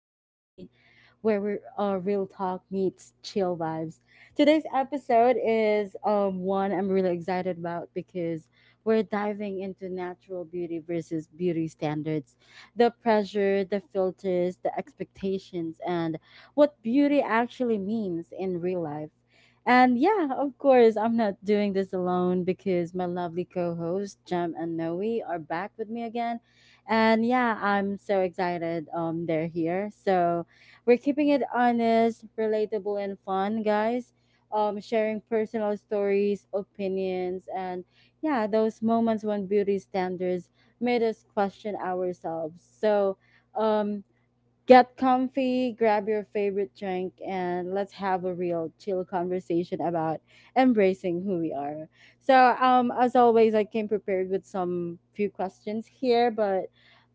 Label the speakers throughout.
Speaker 1: with Queenie, where we real talk meets chill vibes. Today's episode is one I'm really excited about because we're diving into natural beauty versus beauty standards, the pressure, the filters, the expectations, and what beauty actually means in real life. And yeah, of course, I'm not doing this alone because my lovely co hosts, Jem and Noe, are back with me again and yeah, I'm so excited they're here. So we're keeping it honest, relatable and fun, guys. Sharing personal stories, opinions and yeah, those moments when beauty standards made us question ourselves. So um get comfy, grab your favorite drink, and let's have a real chill conversation about embracing who we are. So, as always, I came prepared with some few questions here, but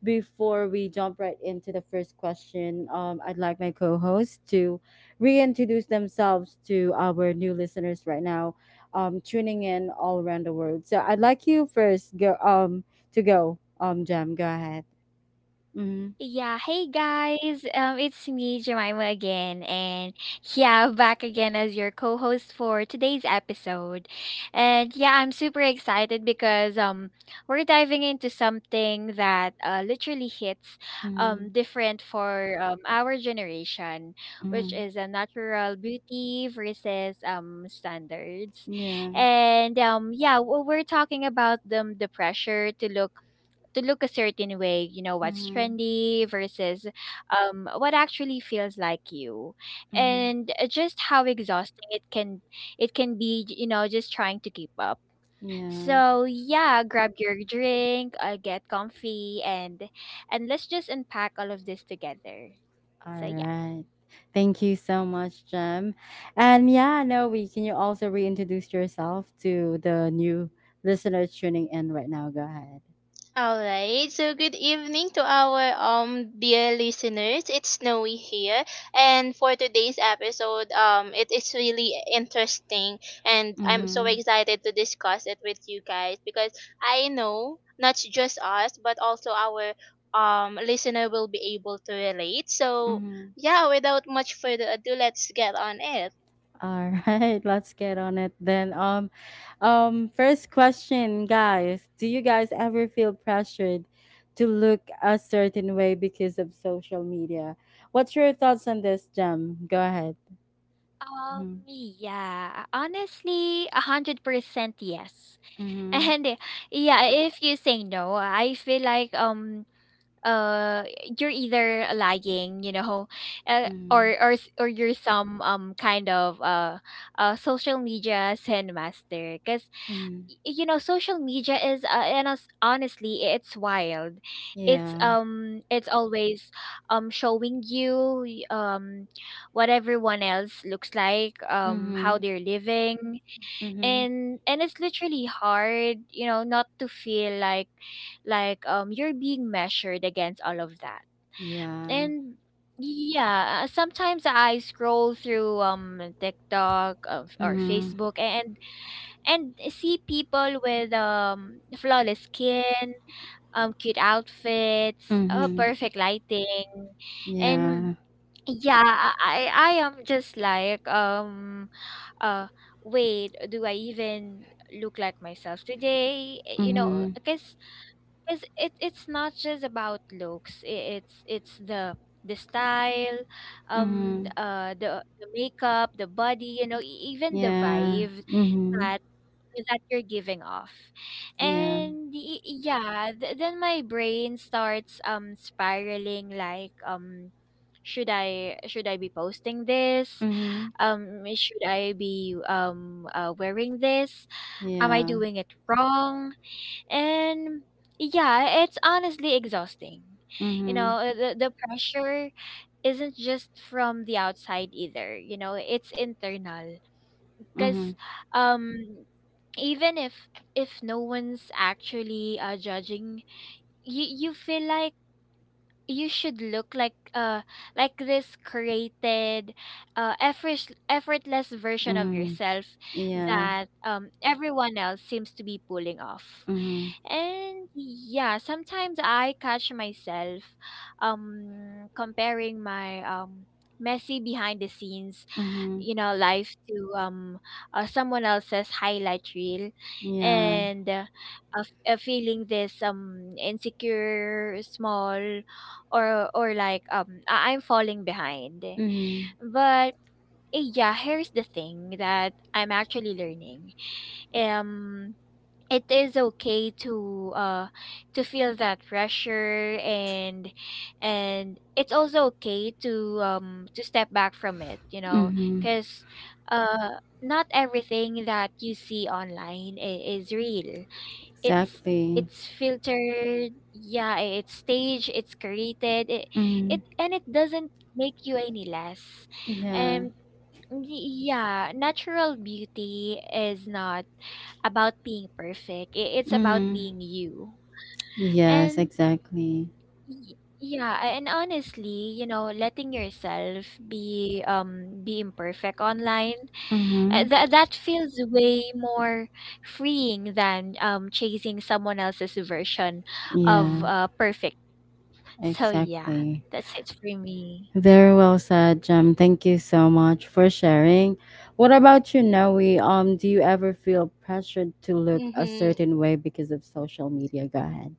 Speaker 1: before we jump right into the first question, I'd like my co host to reintroduce themselves to our new listeners right now, tuning in all around the world. So, I'd like you first go, to go, Jam, go ahead. Mm-hmm,
Speaker 2: Yeah, hey guys. It's me Jemima again and yeah, back again as your co-host for today's episode. And yeah, I'm super excited because we're diving into something that literally hits
Speaker 1: mm-hmm,
Speaker 2: different for our generation, which
Speaker 1: mm-hmm.
Speaker 2: is a natural beauty versus standards.
Speaker 1: Yeah.
Speaker 2: And yeah, we're talking about the pressure to look a certain way, you know, what's
Speaker 1: Mm-hmm.
Speaker 2: trendy versus what actually feels like you.
Speaker 1: Mm-hmm.
Speaker 2: And just how exhausting it can be, you know, just trying to keep up.
Speaker 1: Yeah.
Speaker 2: So yeah, grab your drink, get comfy and let's just unpack all of this together.
Speaker 1: All
Speaker 2: So yeah.
Speaker 1: right. Thank you so much, Jem. And yeah, Noe, can you also reintroduce yourself to the new listeners tuning in right now? Go ahead.
Speaker 3: All right. So good evening to our dear listeners. It's Snowy here, and for today's episode, it is really interesting, and I'm so
Speaker 1: Mm-hmm.
Speaker 3: excited to discuss it with you guys because I know not just us, but also our listener will be able to relate. So
Speaker 1: Mm-hmm.
Speaker 3: yeah, without much further ado, let's get on it.
Speaker 1: All right, let's get on it then. First question, guys. Do you guys ever feel pressured to look a certain way because of social media? What's your thoughts on this, Jem? Go ahead.
Speaker 2: Yeah, honestly, 100% yes.
Speaker 1: Mm-hmm.
Speaker 2: And yeah, if you say no, I feel like uh you're either lying, or
Speaker 1: Mhm.
Speaker 2: or s- or you're some kind of social media sin master, because
Speaker 1: Mhm.
Speaker 2: social media is, honestly, it's wild. it's
Speaker 1: Yeah.
Speaker 2: um it's always showing you what everyone else looks like, how
Speaker 1: Mhm.
Speaker 2: they're living,
Speaker 1: Mhm.
Speaker 2: and it's literally hard, not to feel like you're being measured against all of that.
Speaker 1: Yeah.
Speaker 2: And yeah, sometimes I scroll through TikTok, or
Speaker 1: Mhm.
Speaker 2: Facebook, and see people with flawless skin, cute outfits,
Speaker 1: Mhm.
Speaker 2: perfect lighting, and
Speaker 1: Yeah.
Speaker 2: yeah, I am just like, uh wait, do I even look like myself today? Uh, you know
Speaker 1: Mhm.
Speaker 2: because because it's not just about looks, it's the style, um
Speaker 1: Mhm.
Speaker 2: th- uh the, the makeup, the body, even the
Speaker 1: Yeah.
Speaker 2: vibe
Speaker 1: Mhm.
Speaker 2: that that you're giving off.
Speaker 1: Yeah.
Speaker 2: And yeah, then my brain starts spiraling, like, should I be posting this,
Speaker 1: Mhm.
Speaker 2: should I be wearing this, am I
Speaker 1: Yeah.
Speaker 2: doing it wrong? And yeah, it's honestly exhausting, you
Speaker 1: Mhm.
Speaker 2: know uh, the, the pressure isn't just from the outside either, it's internal.
Speaker 1: Mhm.
Speaker 2: Because um even if no one's actually judging you feel like you should look like this created, effortless version of
Speaker 1: Mhm.
Speaker 2: yourself
Speaker 1: Yeah.
Speaker 2: that everyone else seems to be pulling off.
Speaker 1: Mhm.
Speaker 2: And yeah, sometimes I catch myself comparing my messy behind the scenes
Speaker 1: Mhm.
Speaker 2: life to, someone else's highlight reel,
Speaker 1: Yeah.
Speaker 2: and feeling this insecure, small, or like, I'm falling behind.
Speaker 1: Mhm.
Speaker 2: But yeah, here's the thing that I'm actually learning. Um it is okay to feel that pressure, and it's also okay to step back from it,
Speaker 1: Mhm.
Speaker 2: cuz uh not everything that you see online, is real. it's
Speaker 1: Exactly.
Speaker 2: it's filtered, yeah, it's staged, it's created, it, it
Speaker 1: Mhm.
Speaker 2: and it doesn't make you any less.
Speaker 1: Yeah.
Speaker 2: um yeah, natural beauty is not about being perfect, it's about
Speaker 1: Mhm.
Speaker 2: being you.
Speaker 1: Yes,
Speaker 2: and
Speaker 1: exactly.
Speaker 2: Y- Yeah, a- and honestly, letting yourself be imperfect online, uh,
Speaker 1: Mhm.
Speaker 2: that that feels way more freeing than chasing someone else's version of
Speaker 1: Yeah.
Speaker 2: perfect. So yeah,
Speaker 1: Exactly.
Speaker 2: that's it for me.
Speaker 1: Very well said, Jem. Thank you so much for sharing. What about you, Noe? Do you ever feel pressured to look a
Speaker 3: Mm-hmm.
Speaker 1: certain way because of social media? Go ahead.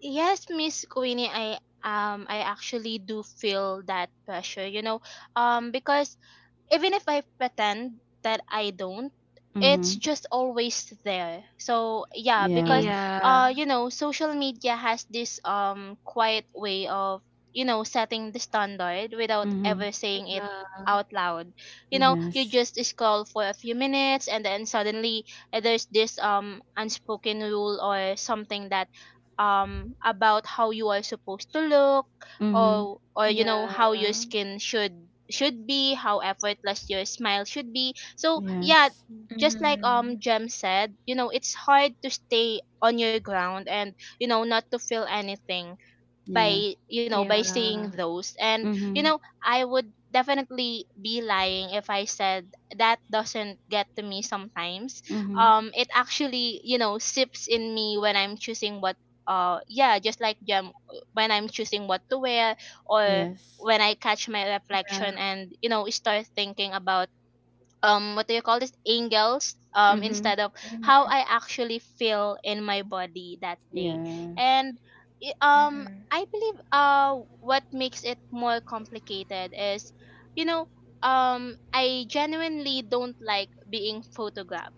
Speaker 3: Yes, Miss Queenie, I actually do feel that pressure, you know, because even if I pretend that I don't, it's
Speaker 1: Mm-hmm.
Speaker 3: just always there. So yeah, because
Speaker 1: Yeah.
Speaker 2: Yeah.
Speaker 3: you know social media has this quiet way of setting the standard without
Speaker 1: Mm-hmm.
Speaker 3: ever saying it out loud. You know, you
Speaker 1: Yes.
Speaker 3: just scroll for a few minutes and then suddenly there's this unspoken rule or something that about how you are supposed to look
Speaker 1: Mm-hmm.
Speaker 3: or you know how
Speaker 2: Yeah.
Speaker 3: your skin should be how effortless your smile should be. So yeah,
Speaker 1: Yes.
Speaker 3: just like
Speaker 2: Mm-hmm.
Speaker 3: Jem said, you know it's hard to stay on your ground and you know not to feel anything
Speaker 1: Yeah.
Speaker 3: by
Speaker 2: Yeah.
Speaker 3: by seeing those. And you
Speaker 1: Mm-hmm.
Speaker 3: know I would definitely be lying if I said that doesn't get to me sometimes.
Speaker 1: Mm-hmm.
Speaker 3: It actually you know sips in me when I'm choosing what yeah just like Jem, when I'm choosing what to wear, or
Speaker 1: Yes.
Speaker 3: when I catch my
Speaker 2: Yeah.
Speaker 3: reflection and you know start thinking about what do you call this, angles,
Speaker 1: Mm-hmm.
Speaker 3: instead of how
Speaker 2: Mm-hmm.
Speaker 3: I actually feel in my body that day.
Speaker 1: Yeah.
Speaker 3: And
Speaker 2: Mm-hmm.
Speaker 3: I believe what makes it more complicated is you know I genuinely don't like being photographed.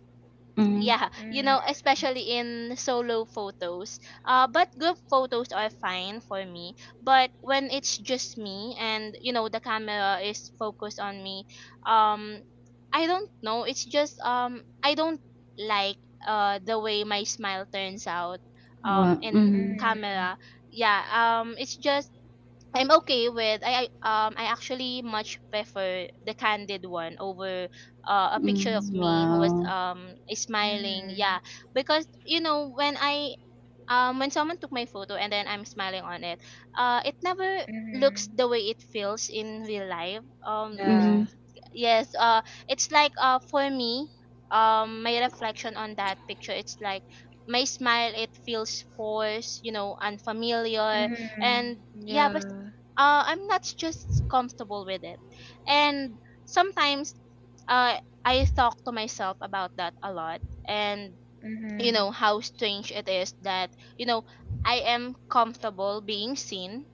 Speaker 1: Mm-hmm.
Speaker 3: Yeah, you know especially in solo photos. But group photos are fine for me, but when it's just me and you know the camera is focused on me, um I don't know, it's just I don't like the way my smile turns out
Speaker 1: Wow.
Speaker 3: in
Speaker 1: Mm,
Speaker 2: Mm-hmm.
Speaker 3: camera. Yeah, it's just I'm okay with I actually much prefer the candid one over a picture of
Speaker 1: mm,
Speaker 3: me who was
Speaker 1: wow.
Speaker 3: smiling.
Speaker 2: Mm-hmm.
Speaker 3: Yeah, because you know when someone took my photo and then I'm smiling on it, it never looks
Speaker 2: Mm-hmm.
Speaker 3: the way it feels in real life.
Speaker 1: Mm-hmm.
Speaker 2: Yeah.
Speaker 3: Yes, it's like for me, my reflection on that picture, it's like my smile, it feels forced, you know, unfamiliar.
Speaker 2: Mm-hmm.
Speaker 3: And yeah, but
Speaker 2: Yeah.
Speaker 3: I'm not just comfortable with it. And sometimes uh I talk to myself about that a lot, and you
Speaker 2: Mhm.
Speaker 3: know how strange it is that you know I am comfortable being seen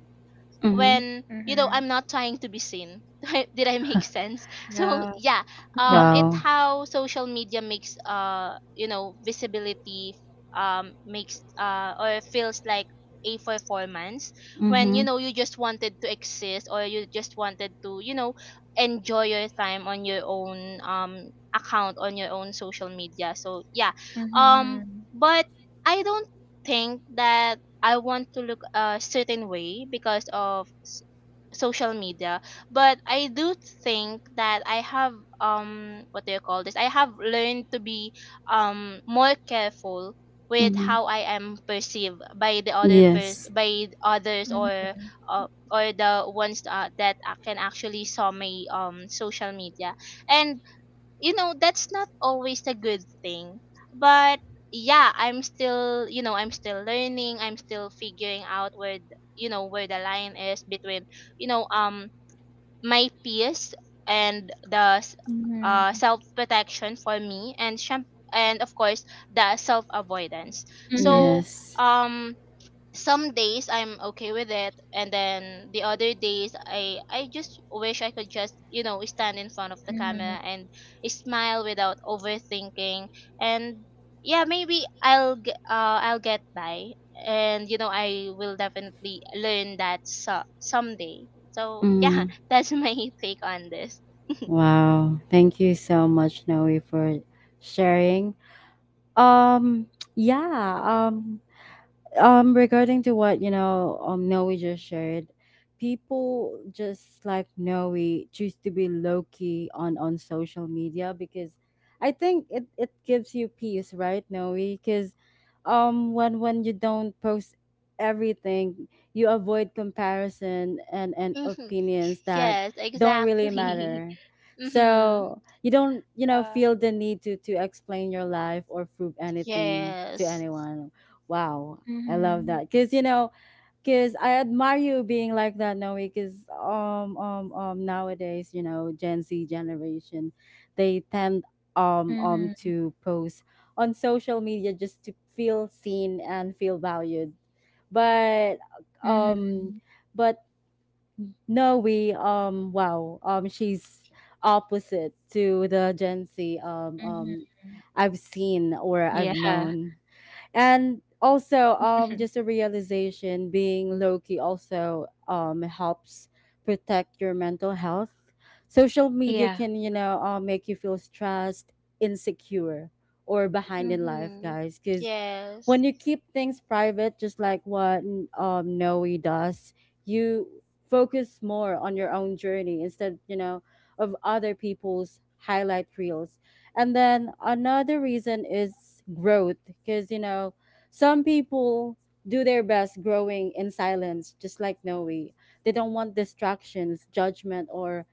Speaker 1: Mm-hmm.
Speaker 3: when you know
Speaker 2: Mhm.
Speaker 3: I'm not trying to be seen. Did I make sense? So
Speaker 2: Yeah.
Speaker 3: yeah,
Speaker 2: Mhm.
Speaker 3: it
Speaker 1: Wow.
Speaker 3: how social media makes you know visibility makes or feels like a performance when
Speaker 1: Mm-hmm.
Speaker 3: you know you just wanted to exist, or you just wanted to you know enjoy your time on your own account on your own social media. So yeah, um, but I don't think that I want to look a certain way because of social media. But I do think that I have what do you call this? I have learned to be more careful with
Speaker 1: Mm-hmm.
Speaker 3: how I am perceived by the
Speaker 1: Yes.
Speaker 3: by others,
Speaker 2: Mhm.
Speaker 3: or the ones that can actually saw my social media. And you know that's not always a good thing, but yeah, I'm still you know I'm still learning, I'm still figuring out you know where the line is between you know um my peace and
Speaker 2: Mhm.
Speaker 3: self protection for me and and of course the self avoidance.
Speaker 2: Mhm.
Speaker 3: So
Speaker 1: Yes.
Speaker 3: um some days I'm okay with it, and then the other days I just wish I could just you know stand in front of the
Speaker 2: Mhm.
Speaker 3: camera and smile without overthinking. And yeah, maybe I'll get by, and you know I will definitely learn that someday. So yeah, that's my take on this.
Speaker 1: Wow. Thank you so much, Noe, for sharing. Um, yeah, um, regarding to what you know Noe just shared, people just like Noe choose to be low key on social media because I think it gives you peace, right, Noe? Because when you don't post everything, you avoid comparison and
Speaker 3: Hmm.
Speaker 1: opinions that
Speaker 3: Yes,
Speaker 1: don't really
Speaker 3: exactly.
Speaker 1: matter.
Speaker 3: Hmm.
Speaker 1: So you don't you know
Speaker 2: Yeah.
Speaker 1: feel the need to explain your life or prove anything to
Speaker 3: Yes.
Speaker 1: anyone. Wow. I love
Speaker 2: Mhm.
Speaker 1: that because you know because I admire you being like that, Noe. Because nowadays you know Gen Z generation, they tend
Speaker 2: Mhm.
Speaker 1: to post on social media just to feel seen and feel valued, but um
Speaker 2: Mhm.
Speaker 1: but Noe wow she's opposite to the Gen Z
Speaker 2: Mhm.
Speaker 1: I've seen or I've
Speaker 2: Yeah.
Speaker 1: known and also just a realization being low key also helps protect your mental health social media
Speaker 2: Yeah.
Speaker 1: can you know make you feel stressed insecure or behind in life
Speaker 3: Hmm.
Speaker 1: guys because when
Speaker 3: Yes.
Speaker 1: you keep things private, just like what Noe does, you focus more on your own journey instead, you know, of other people's highlight reels. And then another reason is growth, because you know, some people do their best growing in silence, just like Noe. They don't want distractions, judgment, or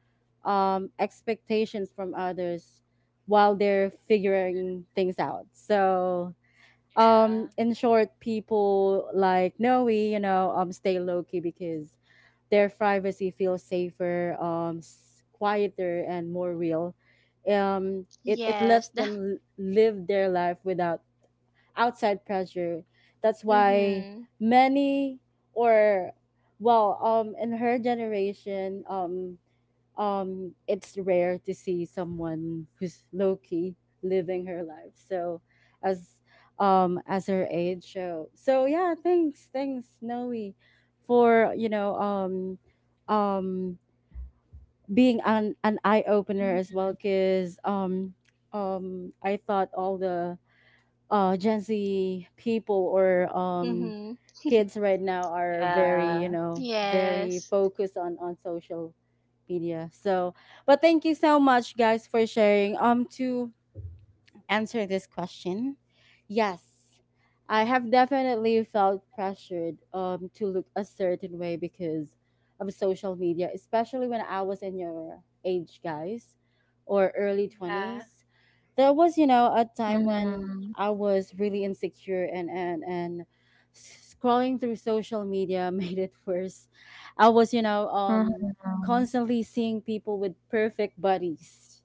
Speaker 1: expectations from others while they're figuring things out. So in short people like noe you know stay low key because their privacy feels safer quieter and more real it lets
Speaker 3: Yes,
Speaker 1: them live their life without outside pressure that's why
Speaker 3: mhm.
Speaker 1: many or well in her generation it's rare to see someone who's low key living her life so as as her age show so yeah thanks Noe for you know um being an eye opener as
Speaker 2: Mhm.
Speaker 1: well cuz I thought all the Gen Z people or
Speaker 3: Mhm.
Speaker 1: kids right now are very, you
Speaker 2: Yeah.
Speaker 1: know, very
Speaker 3: Yes.
Speaker 1: focused on social media. So, but thank you so much, guys, for sharing. To answer this question. Yes, I have definitely felt pressured to look a certain way because of social media, especially when I was in your age, guys, or early
Speaker 2: Yeah.
Speaker 1: 20s. There was, you know, a time when
Speaker 2: Mhm.
Speaker 1: I was really insecure and scrolling through social media made it worse. I was, you know,
Speaker 2: Mhm.
Speaker 1: constantly seeing people with perfect bodies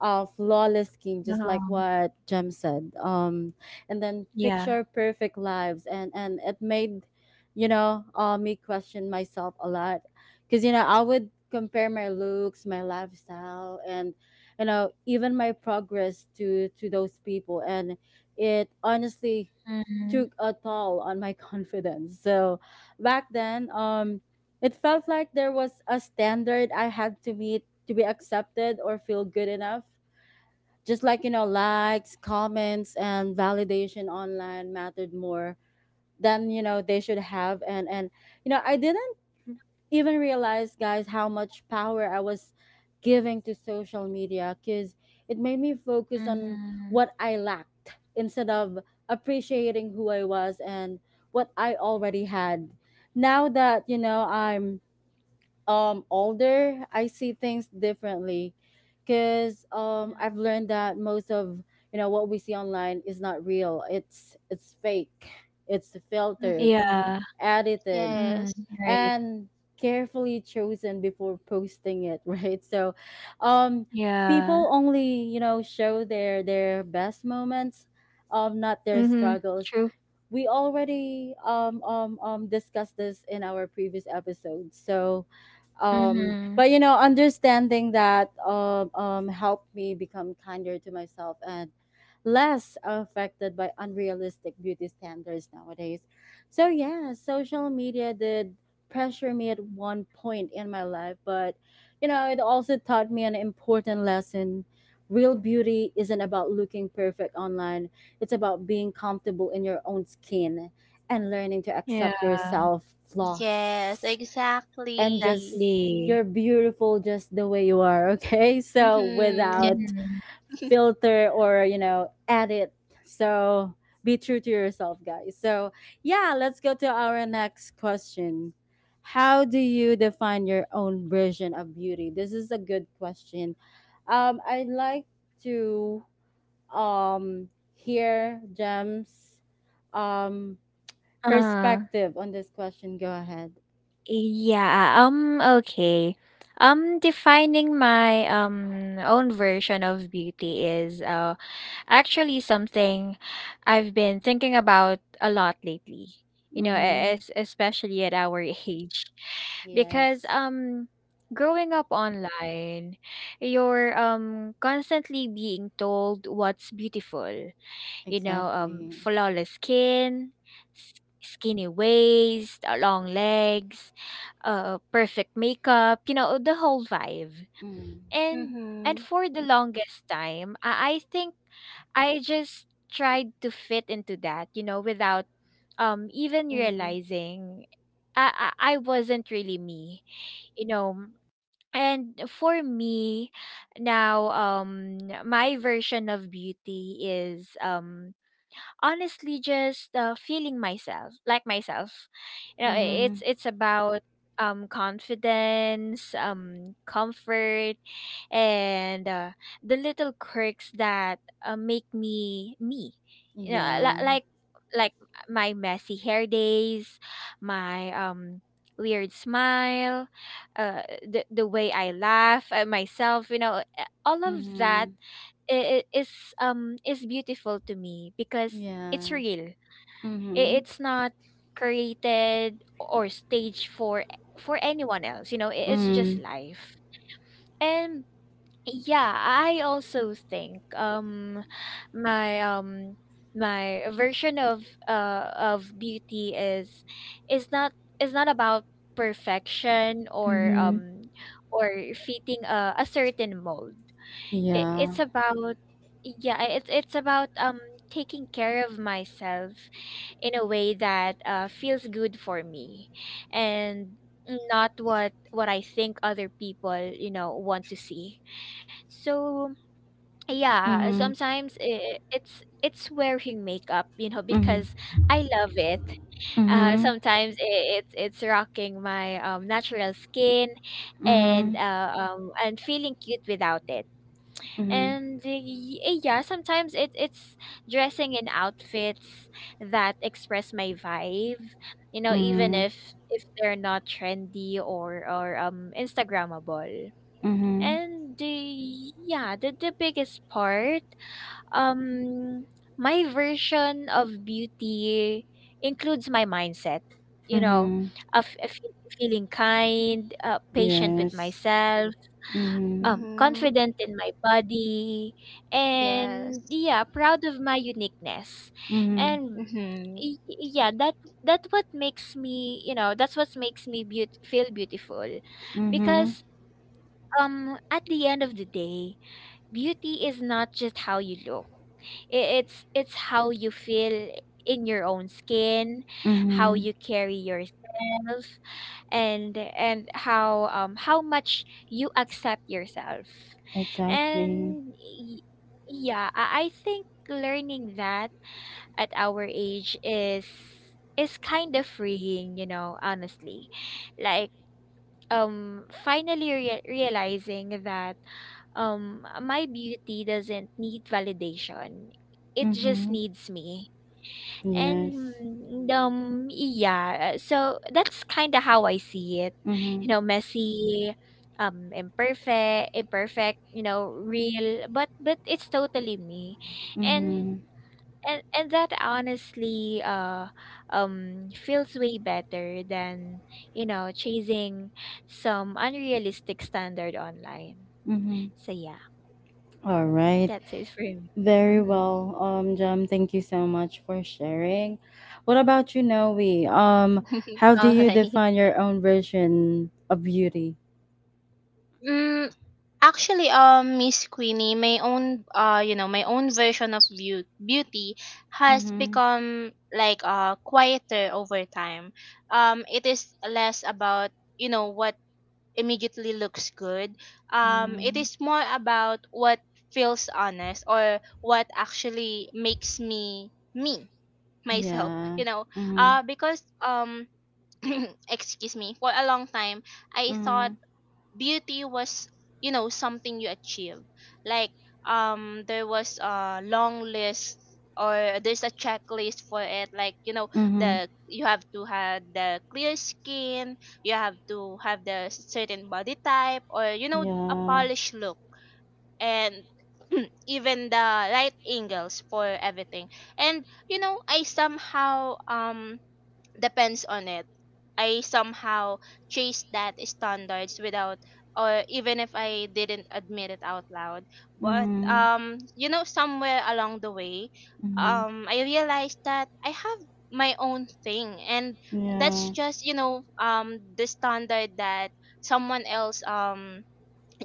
Speaker 1: flawless skin,
Speaker 2: Mhm.
Speaker 1: just like
Speaker 2: Mhm.
Speaker 1: what Jem said. And then
Speaker 2: Yeah.
Speaker 1: picture perfect lives, and it made, you know, me question myself a lot, because you know I would compare my looks, my lifestyle, and you know even my progress to those people, and it honestly
Speaker 2: Mhm.
Speaker 1: took a toll on my confidence. So back then, it felt like there was a standard I had to meet to be accepted or feel good enough just like you know likes comments and validation online mattered more than you know they should have and you know I didn't even realize guys how much power I was giving to social media because it made me focus on
Speaker 2: Mhm.
Speaker 1: what I lacked instead of appreciating who I was and what I already had now that you know I'm older I see things differently because I've learned that most of you know what we see online is not real it's fake it's filtered
Speaker 2: Yeah.
Speaker 3: Mhm.
Speaker 1: edited
Speaker 2: Mm,
Speaker 3: Yes.
Speaker 2: right.
Speaker 1: and carefully chosen before posting it right so um
Speaker 2: Yeah.
Speaker 1: people only you know show their best moments not their
Speaker 2: Mm-hmm.
Speaker 1: struggles
Speaker 2: True.
Speaker 1: we already discussed this in our previous episode. So,
Speaker 2: Mm-hmm.
Speaker 1: but you know, understanding that helped me become kinder to myself and less affected by unrealistic beauty standards nowadays. So, yeah, social media did pressure me at one point in my life, but you know, it also taught me an important lesson. Real beauty isn't about looking perfect online it's about being comfortable in your own skin and learning to
Speaker 2: Yeah.
Speaker 1: accept yourself,
Speaker 3: Yes,
Speaker 1: flaws, and
Speaker 3: exactly.
Speaker 1: just
Speaker 2: Exactly.
Speaker 1: you're beautiful just the way you are, okay? So
Speaker 3: Mhm. Yeah.
Speaker 1: without
Speaker 2: Mm-hmm.
Speaker 1: filter or, you know, edit. So be true to yourself, guys. So, yeah, let's go to our next question. How do you define your own version of beauty? This is a good question. I'd like to hear Jem's um
Speaker 2: Uh,
Speaker 1: perspective on this question. Go ahead.
Speaker 2: yeah. Okay. Defining my own version of beauty is actually something I've been thinking about a lot lately. You know, e-,
Speaker 1: Mm-hmm.
Speaker 2: es especially at our age, because
Speaker 1: Yes,
Speaker 2: growing up online, you're constantly being told what's beautiful,
Speaker 1: exactly.
Speaker 2: flawless skin, skinny waist, long legs, perfect makeup, the whole vibe.
Speaker 1: Mm.
Speaker 2: And and
Speaker 3: Mhm.
Speaker 2: for the longest time, I think I just tried to fit into that, without even
Speaker 1: Mm-hmm.
Speaker 2: realizing I wasn't really me, you know. And for me now, my version of beauty is, honestly, just feeling myself, like myself,
Speaker 1: Mm-hmm.
Speaker 2: it's about confidence, comfort, and the little quirks that make me me, you know
Speaker 1: Yeah.
Speaker 2: li- like like my messy hair days, my weird smile, the way I laugh at myself, all of that
Speaker 1: Mm-hmm.
Speaker 2: i- i- is is beautiful to me because it's
Speaker 1: Yeah.
Speaker 2: real.
Speaker 1: Mm-hmm.
Speaker 2: It's not created or staged for anyone else. It's just
Speaker 1: Mm.
Speaker 2: life. And yeah, I also think my um my version of beauty is not is not about perfection or
Speaker 1: Mm-hmm.
Speaker 2: fitting a certain mold. it,
Speaker 1: Yeah.
Speaker 2: it's about yeah I- it's it's about taking care of myself in a way that feels good for me, and not what I think other people, want to see. So yeah,
Speaker 1: Mm-hmm.
Speaker 2: sometimes it's wearing makeup,
Speaker 1: Mm-hmm.
Speaker 2: because I love it.
Speaker 1: Mm-hmm.
Speaker 2: Sometimes it's rocking my natural skin,
Speaker 1: Mm-hmm.
Speaker 2: and and feeling cute without it.
Speaker 1: Mm-hmm.
Speaker 2: And yeah, sometimes it's dressing in outfits that express my vibe, even
Speaker 1: Mm-hmm.
Speaker 2: if they're not trendy or Instagrammable.
Speaker 1: Mm-hmm.
Speaker 2: And the yeah, the biggest part, um, my version of beauty includes my mindset, you know,
Speaker 1: Mm-hmm.
Speaker 2: of feeling kind, patient with
Speaker 1: Yes.
Speaker 2: myself,
Speaker 1: Mm-hmm.
Speaker 3: Mhm.
Speaker 2: confident in my body,
Speaker 3: Yes.
Speaker 2: and yeah, proud of my uniqueness.
Speaker 1: Mm-hmm.
Speaker 2: And
Speaker 3: Mhm.
Speaker 2: y- yeah, that's what makes me feel beautiful,
Speaker 1: Mm-hmm.
Speaker 2: because at the end of the day, beauty is not just how you look. It's how you feel in your own skin, how
Speaker 1: Mm-hmm.
Speaker 2: you carry yourself, and how much you accept yourself.
Speaker 1: Exactly.
Speaker 2: And I think learning that at our age is kind of freeing, honestly. Like, finally realizing that my beauty doesn't need validation, it just
Speaker 1: Mm-hmm.
Speaker 2: needs me.
Speaker 1: Yes.
Speaker 2: And so that's kind of how I see it,
Speaker 1: Mm-hmm.
Speaker 2: messy, imperfect, real, but it's totally me. and
Speaker 1: Mm-hmm.
Speaker 2: and and that, honestly, feels way better than chasing some unrealistic standard online.
Speaker 1: Mm-hmm.
Speaker 2: So yeah,
Speaker 1: All right.
Speaker 2: that's it for me.
Speaker 1: Very
Speaker 2: Mm-hmm.
Speaker 1: well. Jam, thank you so much for sharing. What about you, Noe? Um, how do
Speaker 3: All
Speaker 1: you
Speaker 3: right.
Speaker 1: define your own version of beauty?
Speaker 3: Mm, actually, Miss Queenie, my own, you know, my own version of beauty has
Speaker 1: Mm-hmm.
Speaker 3: become like quieter over time. It is less about you know what immediately looks good. It
Speaker 1: Mm-hmm.
Speaker 3: is more about what feels honest, or what actually makes me me myself.
Speaker 1: Yeah.
Speaker 3: You know,
Speaker 1: Mm-hmm.
Speaker 3: because excuse me, for a long time, I
Speaker 1: Mm-hmm.
Speaker 3: thought beauty was, you know, something you achieve. Like, there was a long list, or there's a checklist for it, like you know
Speaker 1: Mm-hmm.
Speaker 3: the you have to have the clear skin, you have to have the certain body type, or you know a
Speaker 1: Yeah.
Speaker 3: polished look. And even the right angles for everything. And you know I somehow depends on it. I somehow chased that standards without, or even if I didn't admit it out loud. But
Speaker 1: Mm-hmm.
Speaker 3: you know somewhere along the way,
Speaker 1: Mm-hmm.
Speaker 3: I realized that I have my own thing, and that's
Speaker 1: Yeah.
Speaker 3: just you know the standard that someone else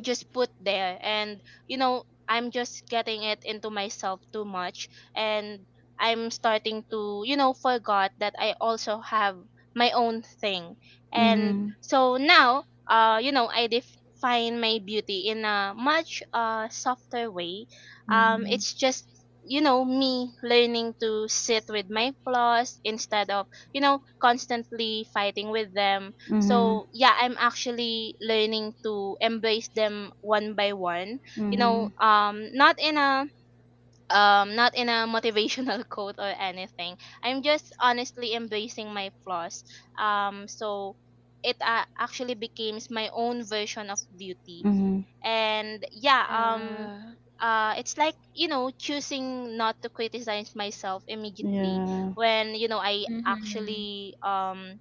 Speaker 3: just put there. And you know I'm just getting it into myself too much, and I'm starting to you know forgot that I also have my own thing. And
Speaker 1: Mm-hmm.
Speaker 3: so now you know I define my beauty in a much softer way.
Speaker 1: Mm-hmm.
Speaker 3: It's just you know me learning to sit with my flaws instead of you know constantly fighting with them.
Speaker 1: Mm-hmm.
Speaker 3: So yeah, I'm actually learning to embrace them one by one. You
Speaker 1: Mm-hmm.
Speaker 3: know, not in a not in a motivational quote or anything. I'm just honestly embracing my flaws. So it actually becomes my own version of beauty.
Speaker 1: Mm-hmm.
Speaker 3: And yeah,
Speaker 2: Yeah.
Speaker 3: it's like you know choosing not to criticize myself immediately
Speaker 1: Yeah.
Speaker 3: when you know I
Speaker 2: Mm-hmm.
Speaker 3: actually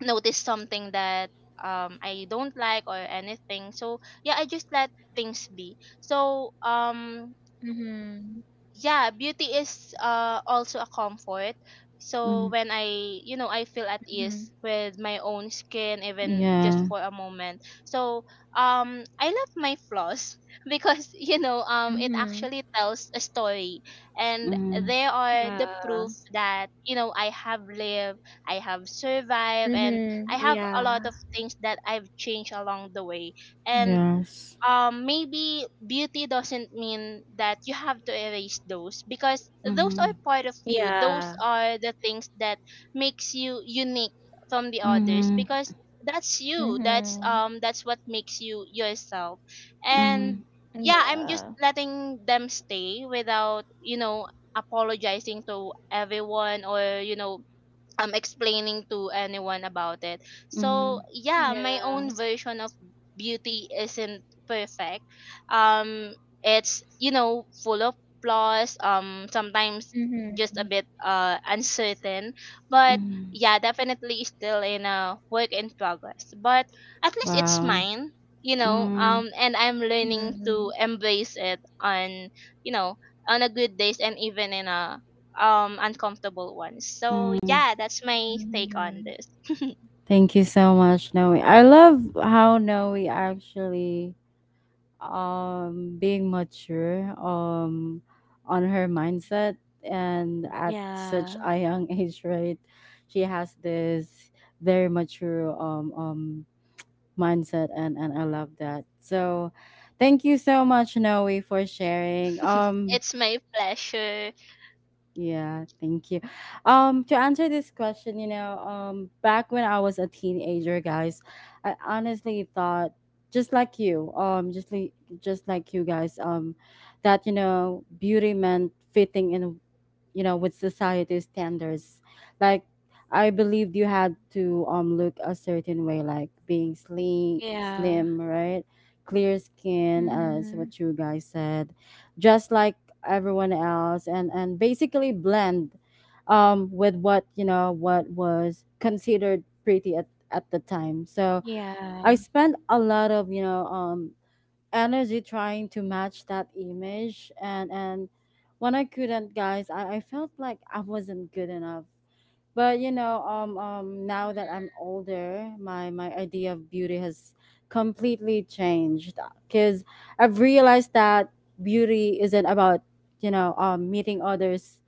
Speaker 3: notice something that I don't like or anything. So yeah, I just let things be. So
Speaker 2: Mm-hmm.
Speaker 3: yeah, beauty is also a comfort, so when I you know I feel at
Speaker 2: Mm-hmm.
Speaker 3: ease with my own skin even just
Speaker 1: Yeah.
Speaker 3: for a moment. So I love my flaws because you know it
Speaker 2: Mm-hmm.
Speaker 3: actually tells a story, and
Speaker 1: Mm.
Speaker 3: they are the
Speaker 2: Yeah.
Speaker 3: proof that you know I have lived, I have survived, and
Speaker 2: Mhm.
Speaker 3: I have a lot
Speaker 2: Yeah.
Speaker 3: of things that I've changed along the way. And
Speaker 1: Yes.
Speaker 3: maybe beauty doesn't mean that you have to erase those, because those are
Speaker 1: Mhm.
Speaker 3: part of you, those
Speaker 2: Yeah.
Speaker 3: are the things that makes you unique from the others,
Speaker 1: Mhm.
Speaker 3: because that's you,
Speaker 2: Mhm.
Speaker 3: that's what makes you yourself.
Speaker 1: Mhm.
Speaker 3: And yeah, I'm just
Speaker 2: Yeah.
Speaker 3: letting them stay without you know apologizing to everyone, or you know explaining to anyone about it.
Speaker 1: Mhm.
Speaker 3: So yeah, my
Speaker 2: Yeah.
Speaker 3: own version of beauty isn't perfect. Um it's you know full of flaws, sometimes just
Speaker 2: Mhm.
Speaker 3: a bit uncertain. But
Speaker 1: Mhm.
Speaker 3: yeah, definitely still in a work in progress. But at least it's
Speaker 1: Wow.
Speaker 3: mine, you know,
Speaker 1: Mm.
Speaker 3: and I'm learning to
Speaker 2: Mhm.
Speaker 3: embrace it on you know on a good days and even in a uncomfortable ones. So
Speaker 1: Mm.
Speaker 3: yeah, that's my take on
Speaker 2: Mhm.
Speaker 3: this.
Speaker 1: Thank you so much, Noe. I love how Noe actually being mature on her mindset and at such
Speaker 2: Yeah.
Speaker 1: a young age, right? She has this very mature mindset and I love that. So thank you so much Noe for sharing.
Speaker 3: It's my pleasure.
Speaker 1: Yeah, thank you. To answer this question, you know, back when I was a teenager, guys, I honestly thought just like you, um just like just like you guys, that you know, beauty meant fitting in you know with society standards like I believed you had to look a certain way like being slim
Speaker 2: Yeah.
Speaker 1: slim right clear skin as
Speaker 2: Mhm.
Speaker 1: what you guys said just like everyone else and basically blend with what you know what was considered pretty at the time so
Speaker 2: Yeah.
Speaker 1: I spent a lot of you know energy trying to match that image and when I couldn't guys I felt like I wasn't good enough but you know now that I'm older my idea of beauty has completely changed because I've realized that beauty isn't about you know meeting others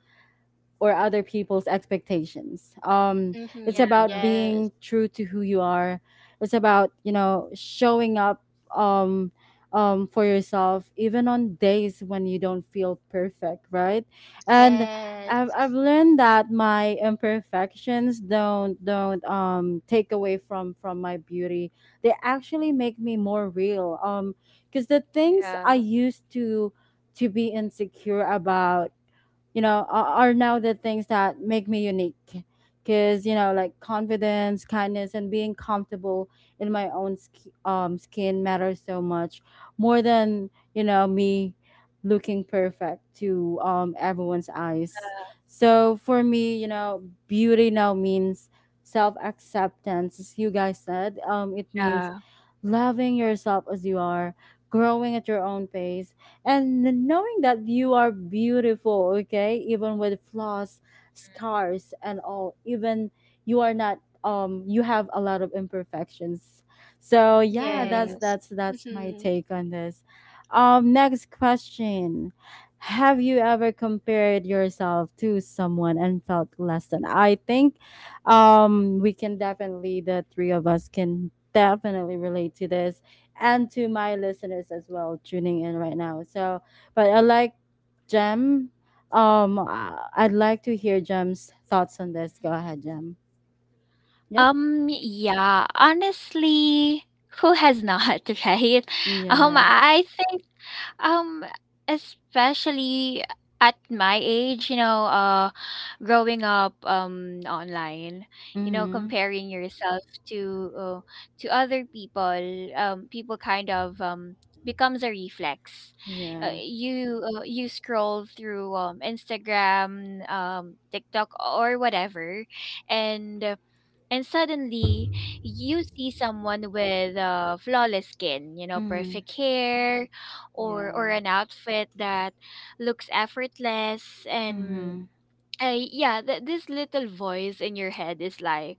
Speaker 1: or other people's expectations. It's
Speaker 3: Mm-hmm.
Speaker 2: Yeah.
Speaker 1: about being
Speaker 3: Yes.
Speaker 1: true to who you are. It's about you know showing up um, for yourself even on days when you don't feel perfect, right? And I've
Speaker 3: Yes.
Speaker 1: I've learned that my imperfections don't take away from my beauty. They actually make me more real. Because the things I
Speaker 2: Yeah.
Speaker 1: used to be insecure about, you know, are, now the things that make me unique, because, you know, like confidence, kindness and being comfortable in my own skin matters so much more than, you know, me looking perfect to, everyone's eyes. So for me, you know, beauty now means self-acceptance. As you guys said, it
Speaker 2: Yeah.
Speaker 1: means loving yourself as you are, growing at your own pace, and knowing that you are beautiful, okay, even with flaws, scars and all. Even you are not you have a lot of imperfections. So yeah, that's
Speaker 2: Right.
Speaker 3: Yes.
Speaker 1: that's that's my
Speaker 3: Mm-hmm.
Speaker 1: take on this. Next question: have you ever compared yourself to someone and felt less than? I think we can definitely— the three of us can definitely relate to this, and to my listeners as well tuning in right now. So, but I like Jem. I'd like to hear Jem's thoughts on this. Go ahead, Jem. Yep.
Speaker 2: Yeah, honestly, who has not, right?
Speaker 1: Yeah.
Speaker 2: I think um especially at my age, you know, growing up online,
Speaker 1: Mm-hmm.
Speaker 2: comparing yourself to, to other people, people kind of becomes a reflex. Uh,
Speaker 1: Yeah.
Speaker 2: you uh, you scroll through Instagram, TikTok, or whatever, and and suddenly you see someone with flawless skin,
Speaker 1: Mm-hmm.
Speaker 2: perfect hair, or
Speaker 1: Yeah.
Speaker 2: an outfit that looks effortless, and
Speaker 1: Mm-hmm.
Speaker 2: this little voice in your head is like,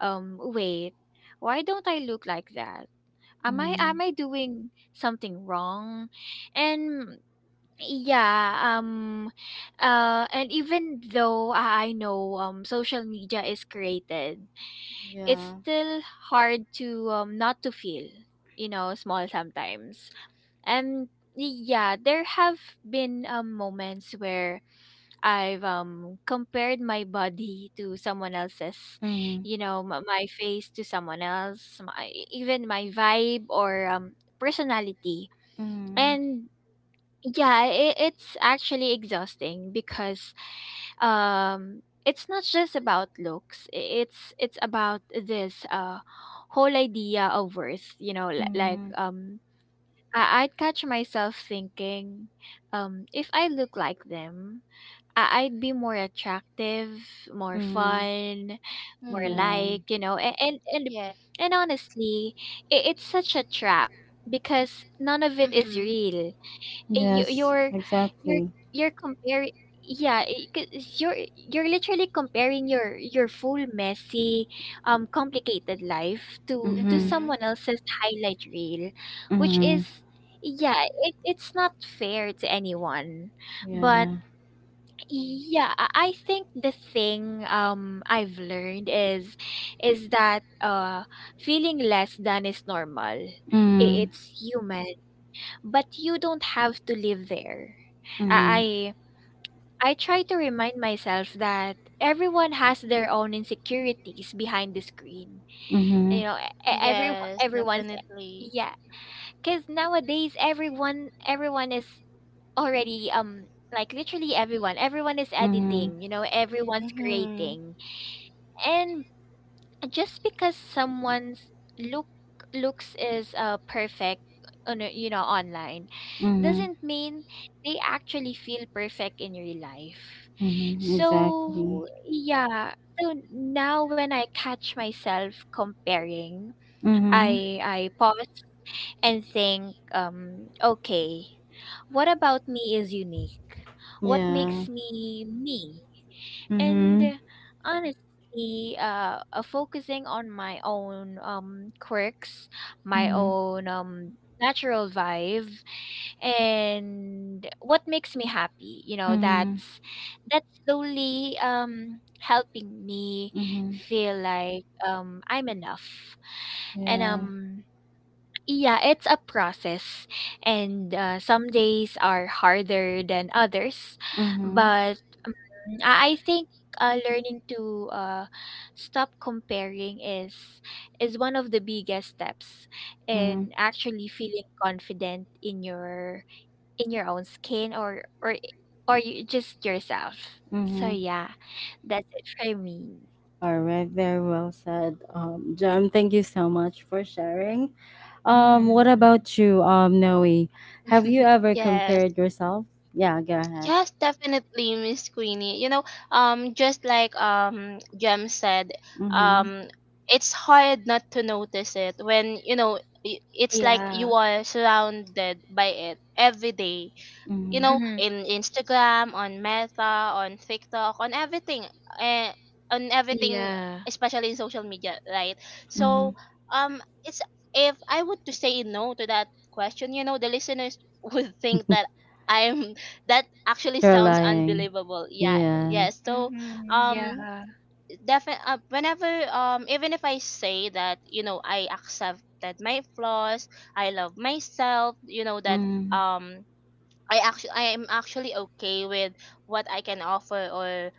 Speaker 2: wait, why don't I look like that? am i
Speaker 1: Mm-hmm.
Speaker 2: am i doing something wrong? And yeah, and even though I know social media is created, it's
Speaker 1: Yeah.
Speaker 2: still hard to, not to feel, small, sometimes. And yeah, there have been, moments where I've compared my body to someone else's,
Speaker 1: Mm-hmm.
Speaker 2: my face to someone else, even my vibe or, personality.
Speaker 1: Mm-hmm.
Speaker 2: And yeah, it's actually exhausting because it's not just about looks, it's about this whole idea of worth, like,
Speaker 1: Mm-hmm.
Speaker 2: I'd catch myself thinking, if I look like them, I'd be more attractive, more
Speaker 1: Mm-hmm.
Speaker 2: fun, more
Speaker 3: Mm-hmm.
Speaker 1: Yeah.
Speaker 2: like,
Speaker 3: Yeah.
Speaker 2: and honestly, it's such a trap, because none of it is
Speaker 3: Mm-hmm.
Speaker 2: real. uh, you-
Speaker 1: Yes.
Speaker 2: you're you're
Speaker 1: Exactly.
Speaker 2: you're comparing, 'cause you're you're literally comparing your full, messy, complicated life to
Speaker 1: Mm-hmm.
Speaker 3: Mm-hmm.
Speaker 2: someone else's highlight reel, which
Speaker 1: Mm-hmm.
Speaker 2: is, it's not fair to anyone. But
Speaker 1: Yeah.
Speaker 2: yeah, I think the thing I've learned is that, feeling less than is normal.
Speaker 1: Mm-hmm.
Speaker 2: It's human, but you don't have to live there.
Speaker 1: Mm-hmm.
Speaker 2: I I try to remind myself that everyone has their own insecurities behind the screen.
Speaker 1: Mm-hmm.
Speaker 2: You know, e- e, every
Speaker 3: Yes,
Speaker 2: everyone's
Speaker 3: definitely.
Speaker 2: yeah, cuz nowadays, everyone is already, like, literally, everyone is editing, everyone's
Speaker 3: Mm-hmm.
Speaker 2: creating, and just because someone's look looks is perfect on a- you know online,
Speaker 1: Mm-hmm.
Speaker 2: doesn't mean they actually feel perfect in real life.
Speaker 1: Mhm, exactly.
Speaker 2: So yeah so now when I catch myself comparing,
Speaker 1: Mhm.
Speaker 2: I pause and think, okay, what about me is unique? What
Speaker 1: Yeah.
Speaker 2: makes me me? And
Speaker 1: Mhm.
Speaker 2: honestly, focusing on my own quirks, my
Speaker 1: Mhm.
Speaker 2: own natural vibe, and what makes me happy,
Speaker 1: Mhm.
Speaker 2: that's slowly helping me
Speaker 1: Mhm.
Speaker 2: feel like I'm enough. And
Speaker 1: Yeah.
Speaker 2: um yeah, it's a process, and some days are harder than others,
Speaker 1: Mhm.
Speaker 2: but I think, learning to, stop comparing is one of the biggest steps
Speaker 1: Mhm.
Speaker 2: in actually feeling confident in your own skin, or you, just yourself. So
Speaker 1: Mhm.
Speaker 2: yeah, that's it for me.
Speaker 1: All right. Very well said, John. Thank you so much for sharing. What
Speaker 2: Hmm,
Speaker 1: about you, Noe? Have you ever
Speaker 3: Yes.
Speaker 1: compared yourself? Yeah. Go ahead.
Speaker 3: Yes, definitely, Miss Queenie. You know, just like Jem said,
Speaker 1: Mhm.
Speaker 3: um, it's hard not to notice it when you know it's like
Speaker 2: yeah.
Speaker 3: you are surrounded by it every day, you
Speaker 1: Mhm.
Speaker 3: know,
Speaker 2: Hmm,
Speaker 3: in Instagram, on Meta, on TikTok, on everything, eh, on everything,
Speaker 2: yeah.
Speaker 3: especially in social media, right? So,
Speaker 1: Mhm.
Speaker 3: it's if I would to say no to that question, you know, the listeners would think that I'm that actually
Speaker 1: You're
Speaker 3: sounds
Speaker 1: lying.
Speaker 3: unbelievable. Yeah,
Speaker 1: Yeah.
Speaker 3: yes. So,
Speaker 2: Hmm,
Speaker 3: um,
Speaker 2: yeah.
Speaker 3: definitely, whenever, even if I say that, you know, I accept that my flaws, I love myself, you know, that
Speaker 1: Mhm.
Speaker 3: um I am actually okay with what I can offer, or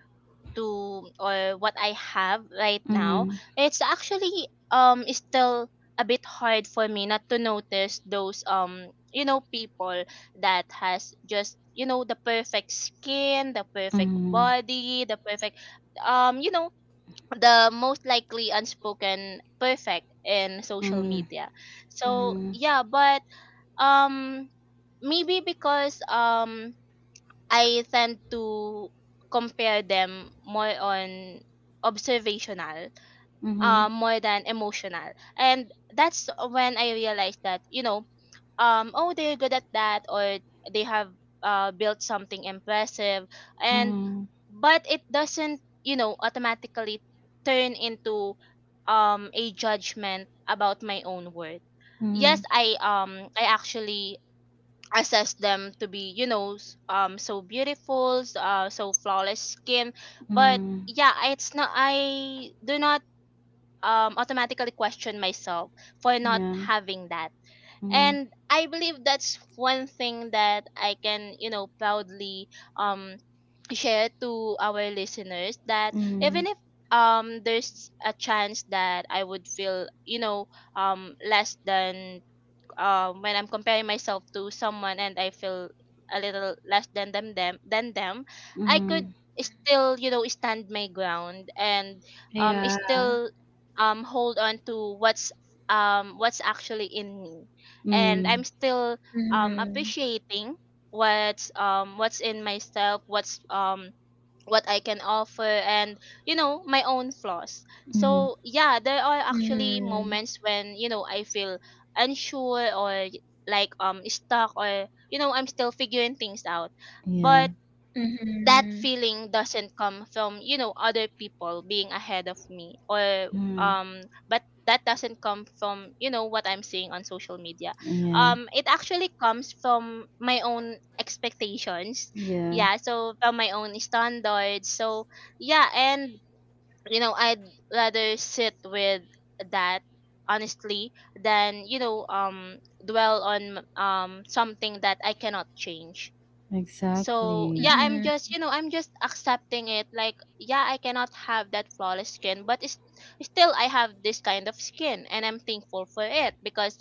Speaker 3: to, or what I have right now.
Speaker 1: Mhm.
Speaker 3: It's actually still a bit hard for me not to notice those you know people that has just you know the perfect skin, the perfect
Speaker 1: Mhm.
Speaker 3: body, the perfect you know the most likely unspoken perfect in social
Speaker 1: Mhm.
Speaker 3: media. So
Speaker 1: Mhm.
Speaker 3: yeah, but um maybe because I tend to compare them more on observational,
Speaker 1: Mhm.
Speaker 3: more than emotional. And that's when I realized that, you know, oh, they're good at that, or they have built something impressive. And,
Speaker 1: Mhm.
Speaker 3: but it doesn't, you know, automatically turn into a judgment about my own worth. Yes,
Speaker 1: Mhm.
Speaker 3: I actually assess them to be so beautiful, so flawless skin, but
Speaker 1: Mm,
Speaker 3: yeah, it's not, I do not automatically question myself for not
Speaker 1: yeah.
Speaker 3: having that.
Speaker 1: Mm,
Speaker 3: And I believe that's one thing that I can, proudly um share to our listeners, that
Speaker 1: mm,
Speaker 3: even if there's a chance that I would feel, less than, when I'm comparing myself to someone and I feel a little less than them, I
Speaker 1: mm,
Speaker 3: could still, stand my ground and
Speaker 2: Yeah.
Speaker 3: still hold on to what's actually in me, and I'm
Speaker 1: mm,
Speaker 3: still
Speaker 2: Mm-hmm.
Speaker 3: appreciating what's in myself, what I can offer, and you know, my own flaws.
Speaker 1: mm,
Speaker 3: So yeah, there are actually
Speaker 2: Mm-hmm.
Speaker 3: moments when, you know, I feel unsure or like, stuck, or you know, I'm still figuring things out.
Speaker 1: yeah.
Speaker 3: But that
Speaker 2: Mm-hmm.
Speaker 3: feeling doesn't come from, you know, other people being ahead of me, or
Speaker 1: Mm,
Speaker 3: um but that doesn't come from, you know, what I'm seeing on social media.
Speaker 1: yeah.
Speaker 3: It actually comes from my own expectations,
Speaker 1: Yeah.
Speaker 3: yeah, so from my own standards. So yeah, and you know, I'd rather sit with that honestly than, dwell on something that I cannot change. So
Speaker 1: Exactly.
Speaker 3: yeah, I'm
Speaker 2: Mm-hmm.
Speaker 3: just, you know, I'm just accepting it. Like yeah, I cannot have that flawless skin, but it's, still I have this kind of skin, and I'm thankful for it because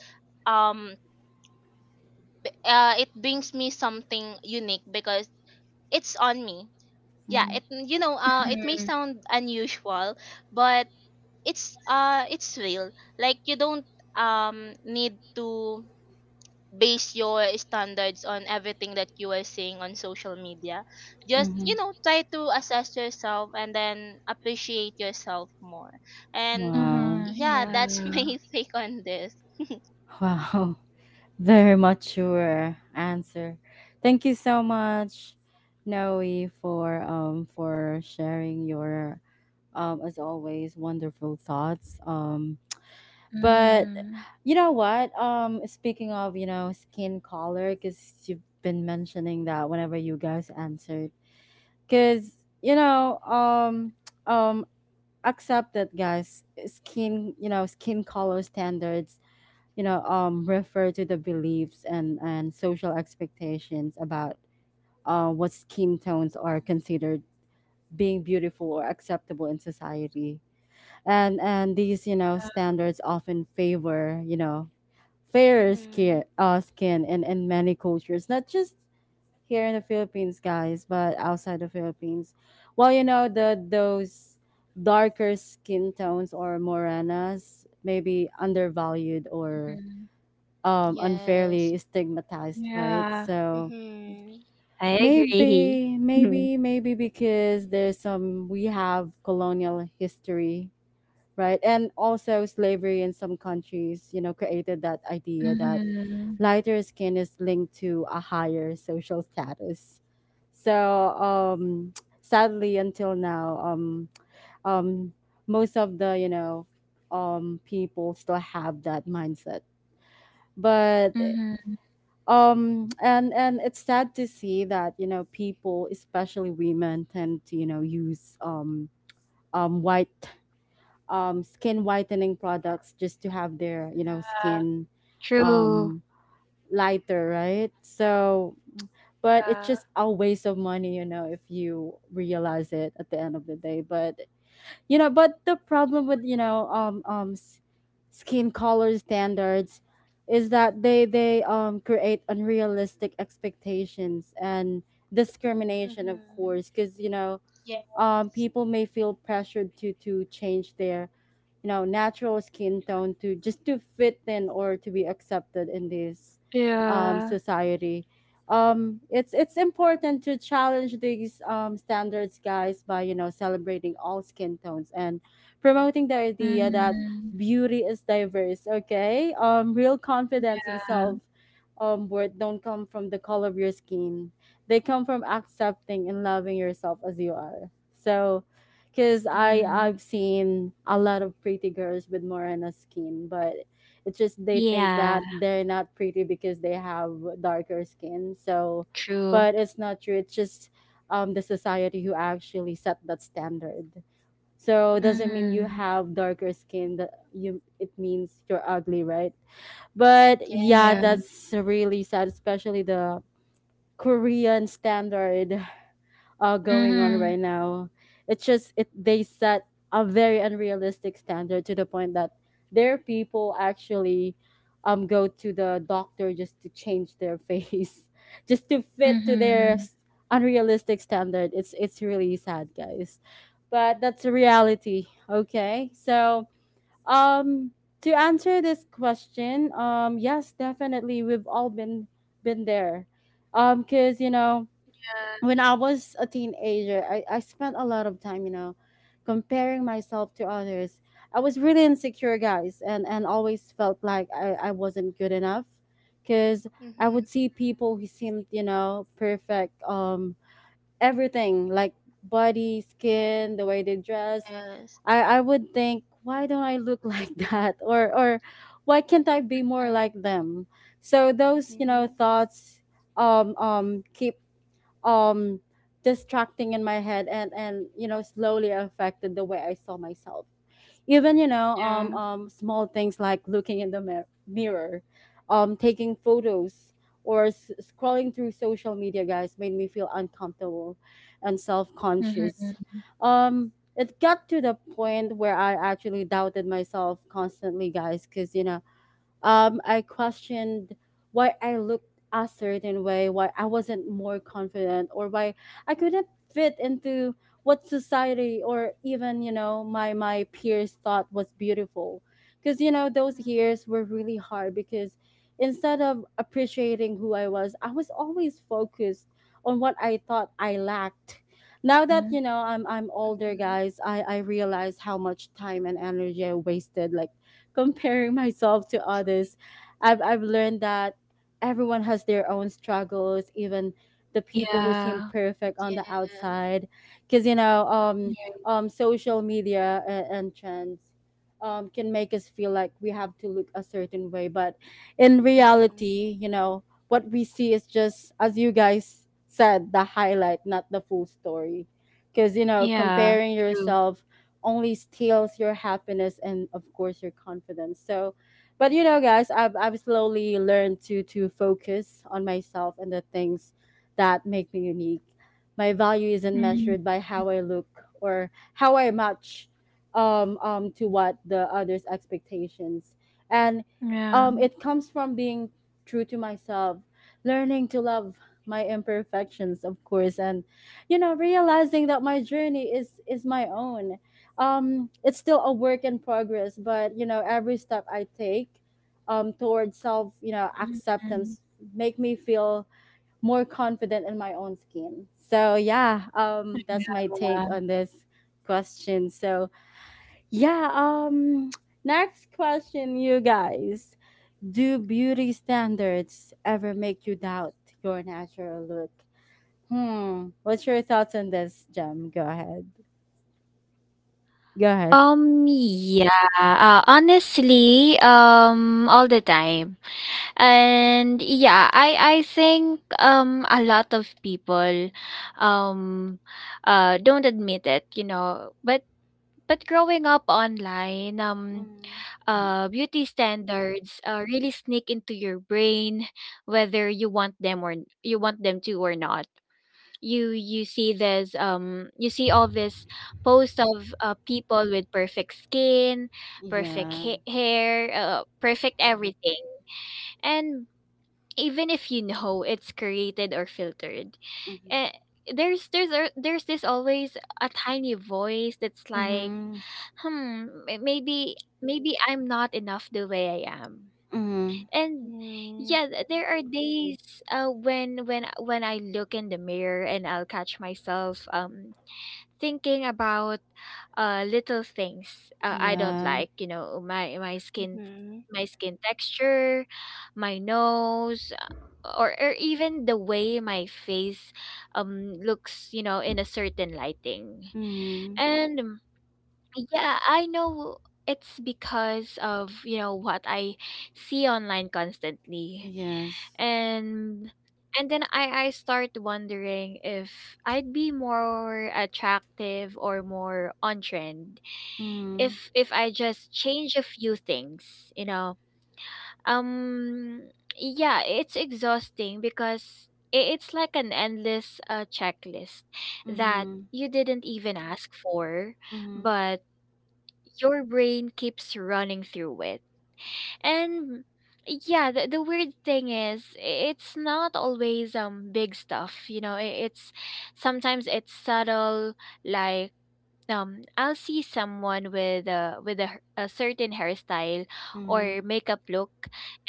Speaker 3: um it brings me something unique because it's on me. Yeah,
Speaker 1: Mm,
Speaker 3: it, it may sound unusual, but it's, it's real. Like you don't need to base your standards on everything that you are seeing on social media. Just,
Speaker 1: mm-hmm.
Speaker 3: you know, try to assess yourself and then appreciate yourself more. And
Speaker 1: Wow.
Speaker 2: Mm-hmm.
Speaker 3: yeah, that's
Speaker 2: Yeah.
Speaker 3: my take on this.
Speaker 1: Wow. Very mature answer. Thank you so much, Noe, for sharing your as always wonderful thoughts. But
Speaker 2: Mhm,
Speaker 1: you know what? Speaking of, you know, skin color, because you've been mentioning that whenever you guys answered, because you know, um, accept that, guys. Skin, you know, skin color standards, you know, refer to the beliefs and social expectations about what skin tones are considered being beautiful or acceptable in society. And these, you know, standards often favor, you know, fairer
Speaker 3: Mm-hmm.
Speaker 1: skin, skin in, many cultures, not just here in the Philippines, guys, but outside the Philippines. Well, you know, the those darker skin tones or morenas may be undervalued or
Speaker 2: mhm.
Speaker 3: Yes.
Speaker 1: unfairly stigmatized, right?
Speaker 2: Yeah.
Speaker 1: So
Speaker 3: Mm-hmm.
Speaker 2: I agree.
Speaker 1: maybe, maybe, maybe because there's some— we have colonial history, right? And also slavery in some countries, you know, created that idea
Speaker 2: Mhm.
Speaker 1: that
Speaker 2: Mhm,
Speaker 1: lighter skin is linked to a higher social status. So um, sadly, until now, um, most of the, you know, people still have that mindset. But
Speaker 2: mhm.
Speaker 1: and it's sad to see that, you know, people, especially women, tend to, you know, use white skin whitening products just to have their, you know,
Speaker 2: Yeah.
Speaker 1: skin
Speaker 2: True.
Speaker 1: um, lighter, right? So but it's
Speaker 2: Yeah.
Speaker 1: just a waste of money, you know, if you realize it at the end of the day. But you know, but the problem with, you know, skin color standards is that they create unrealistic expectations and discrimination, of
Speaker 3: Mm-hmm.
Speaker 1: course, because you know,
Speaker 3: Yes.
Speaker 1: people may feel pressured to change their, you know, natural skin tone to just to fit in or to be accepted in this
Speaker 2: Yeah.
Speaker 1: society. It's important to challenge these, standards, guys, by, you know, celebrating all skin tones and promoting the idea that
Speaker 2: Mhm.
Speaker 1: beauty is diverse, okay? Real confidence and self worth don't come from the color of your skin. They come from accepting and loving yourself as you are. So, because
Speaker 2: Yeah.
Speaker 1: I
Speaker 2: Mhm.
Speaker 1: I've seen a lot of pretty girls with morena skin, but it's just they think that
Speaker 2: Yeah.
Speaker 1: they're not pretty because they have darker skin. So,
Speaker 2: True.
Speaker 1: but it's not true. It's just the society who actually set that standard. So it doesn't mean you
Speaker 2: Mhm.
Speaker 3: Mm-hmm.
Speaker 1: have darker skin that you— it means you're ugly, right? But yeah,
Speaker 2: Yeah.
Speaker 3: Yes.
Speaker 1: that's really sad, especially the Korean standard going on
Speaker 2: Mhm.
Speaker 1: right now. It's just it— they set a very unrealistic standard to the point that their people actually go to the doctor just to change their face, just to fit to their
Speaker 2: Mhm.
Speaker 1: unrealistic standard. It's really sad, guys, but that's a reality. Okay, so um. To answer this question, yes, definitely, we've all been there, cause you know, when I was a teenager, I spent a lot of time, you know, comparing myself to others. I was really insecure, guys, and, always felt like I wasn't good enough, because I
Speaker 3: Mm-hmm.
Speaker 1: would see people who seemed, you know, perfect, everything like body, skin, the way they dress.
Speaker 3: Yes.
Speaker 1: I would think, why don't I look like that? Or, why can't I be more like them? So those, you know,
Speaker 3: Mm-hmm.
Speaker 1: thoughts keep um distracting in my head and you know slowly affected the way I saw myself. Even, you
Speaker 2: Mm,
Speaker 1: know,
Speaker 2: Yeah.
Speaker 1: small things like looking in the mirror, taking photos or scrolling through social media, guys, made me feel uncomfortable and
Speaker 2: Mhm.
Speaker 1: self-conscious. It got to the point where I actually doubted myself constantly, guys, because you know, I questioned why I looked a certain way, why I wasn't more confident, or why I couldn't fit into what society or even, you know, my peers thought was beautiful. Because you know those years were really hard because instead of appreciating who I was always focused on what I thought I lacked. Now that,
Speaker 2: Mhm.
Speaker 1: you know, I'm older,
Speaker 3: Mhm.
Speaker 1: guys, I realize how much time and energy I wasted, like comparing myself to others. I've learned that everyone has their own struggles, even the people who seem
Speaker 2: Yeah.
Speaker 1: perfect on
Speaker 3: Yes.
Speaker 1: the outside, because you know,
Speaker 2: Yeah.
Speaker 1: social media and, trends can make us feel like we have to look a certain way, but in
Speaker 3: Mm-hmm.
Speaker 1: reality you know what we see is just, as you guys said, the highlight, not the full story. Because, you know,
Speaker 2: Yeah.
Speaker 1: comparing
Speaker 2: True.
Speaker 1: yourself only steals your happiness and of course your confidence. So, but you know, guys, I've slowly learned to focus on myself and the things that make me unique. My value isn't
Speaker 2: Mhm.
Speaker 1: measured by how I look or how I match to what the others expectations, and
Speaker 2: Yeah.
Speaker 1: it comes from being true to myself, learning to love my imperfections, of course, and you know, realizing that my journey is my own. It's still a work in progress, but you know, every step I take towards self, you know, acceptance make me feel more confident in my own skin. So yeah, that's my
Speaker 2: Mhm.
Speaker 1: take on this question. So yeah, next question you guys: do beauty standards ever make you doubt your natural look? Hmm, what's your thoughts on this, gem go ahead. Go ahead.
Speaker 2: Um, yeah, honestly, all the time. And yeah, I think a lot of people um don't admit it. But growing up online,
Speaker 1: Mm.
Speaker 2: beauty standards really sneak into your brain whether you want them to or not. You you see this um you see all this posts of, people with perfect skin, perfect
Speaker 1: Yeah.
Speaker 2: hair, perfect everything. And even if you know it's created or filtered,
Speaker 1: Mhm.
Speaker 2: uh, there's this always a tiny voice that's like,
Speaker 1: Mhm.
Speaker 2: hmm, maybe, maybe I'm not enough the way I am.
Speaker 1: Mhm.
Speaker 2: And
Speaker 3: Mm-hmm.
Speaker 2: yeah, there are days when I look in the mirror and I'll catch myself, thinking about, little things, I don't
Speaker 1: Yeah.
Speaker 2: like, my
Speaker 3: Hmm.
Speaker 2: my skin texture, my nose, or even the way my face looks in a certain lighting.
Speaker 1: Mhm.
Speaker 2: And yeah, I know it's because of, what I see online constantly.
Speaker 1: Yes.
Speaker 2: And and then I start wondering if I'd be more attractive or more on trend if
Speaker 1: Mhm.
Speaker 2: if I just change a few things, you know. Um yeah, it's exhausting because it's like an endless, checklist that
Speaker 1: Mhm.
Speaker 2: you didn't even ask for,
Speaker 1: Mhm.
Speaker 2: but your brain keeps running through it. And yeah, the weird thing is it's not always big stuff. I- It's Sometimes it's subtle, like, I'll see someone a certain hairstyle or
Speaker 1: Mhm.
Speaker 2: makeup look,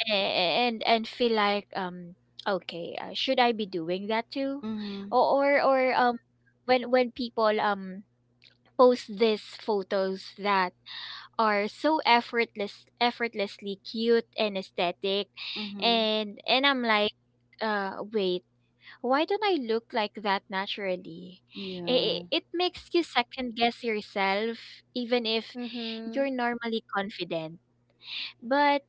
Speaker 2: and feel like, okay, should I be doing that too?
Speaker 1: Mhm.
Speaker 2: Or when people post these photos that are so effortlessly cute and aesthetic,
Speaker 1: Mhm.
Speaker 2: and I'm like, wait, why don't I look like that naturally?
Speaker 1: Yeah.
Speaker 2: It makes you second guess yourself even if you're normally confident. But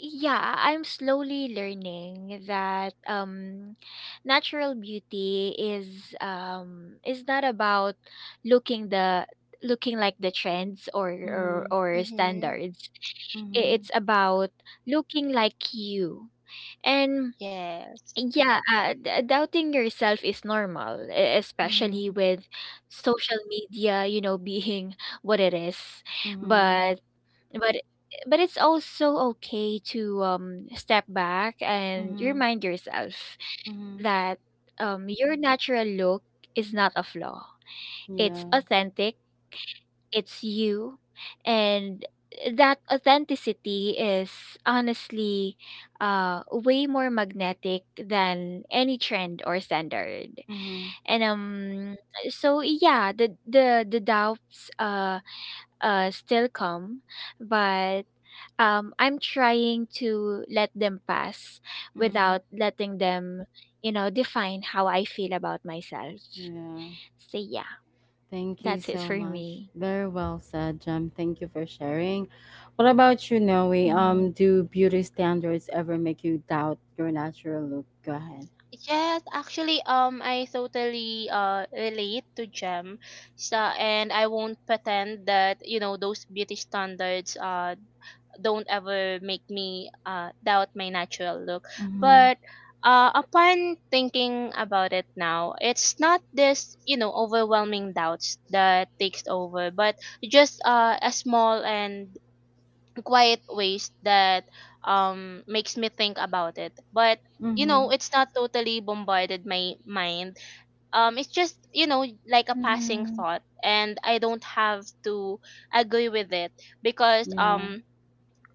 Speaker 2: yeah, I'm slowly learning that natural beauty is, not about looking the looking like the trends or
Speaker 1: Mhm.
Speaker 2: or, or
Speaker 3: Hmm.
Speaker 2: standards.
Speaker 1: Mhm.
Speaker 2: It's about looking like you. And
Speaker 3: Yes.
Speaker 2: yeah, doubting yourself is normal, especially
Speaker 1: Mhm.
Speaker 2: with social media, being what it is.
Speaker 1: Mhm.
Speaker 2: But but but it's also okay to, step back and
Speaker 1: Mhm.
Speaker 2: remind yourself
Speaker 1: Mhm.
Speaker 2: that your natural look is not a flaw. It's
Speaker 1: Yeah.
Speaker 2: authentic, it's you, and that authenticity is honestly, way more magnetic than any trend or standard.
Speaker 1: Mhm.
Speaker 2: And so yeah, the doubts still come, but I'm trying to let them pass
Speaker 1: Mhm.
Speaker 2: without letting them, you know, define how I feel about myself.
Speaker 1: Yeah.
Speaker 2: So yeah,
Speaker 1: Thank you
Speaker 2: that's it
Speaker 1: so
Speaker 2: for
Speaker 1: much.
Speaker 2: me.
Speaker 1: Very well said, Jem. Thank you for sharing. What about you, Noe?
Speaker 2: Mm-hmm.
Speaker 1: Do beauty standards ever make you doubt your natural look? Go ahead.
Speaker 3: Yes, actually, I totally relate to Gem, so, and I won't pretend that, you know, those beauty standards don't ever make me doubt my natural look.
Speaker 1: Mm-hmm.
Speaker 3: But upon thinking about it now, it's not this, you know, overwhelming doubts that takes over, but just a small and quiet ways that makes me think about it. But you
Speaker 1: Mhm.
Speaker 3: know, it's not totally bombarded my mind. It's just, you know, like a passing
Speaker 2: Mm-hmm.
Speaker 3: thought, and I don't have to agree with it because
Speaker 1: Yeah.
Speaker 3: um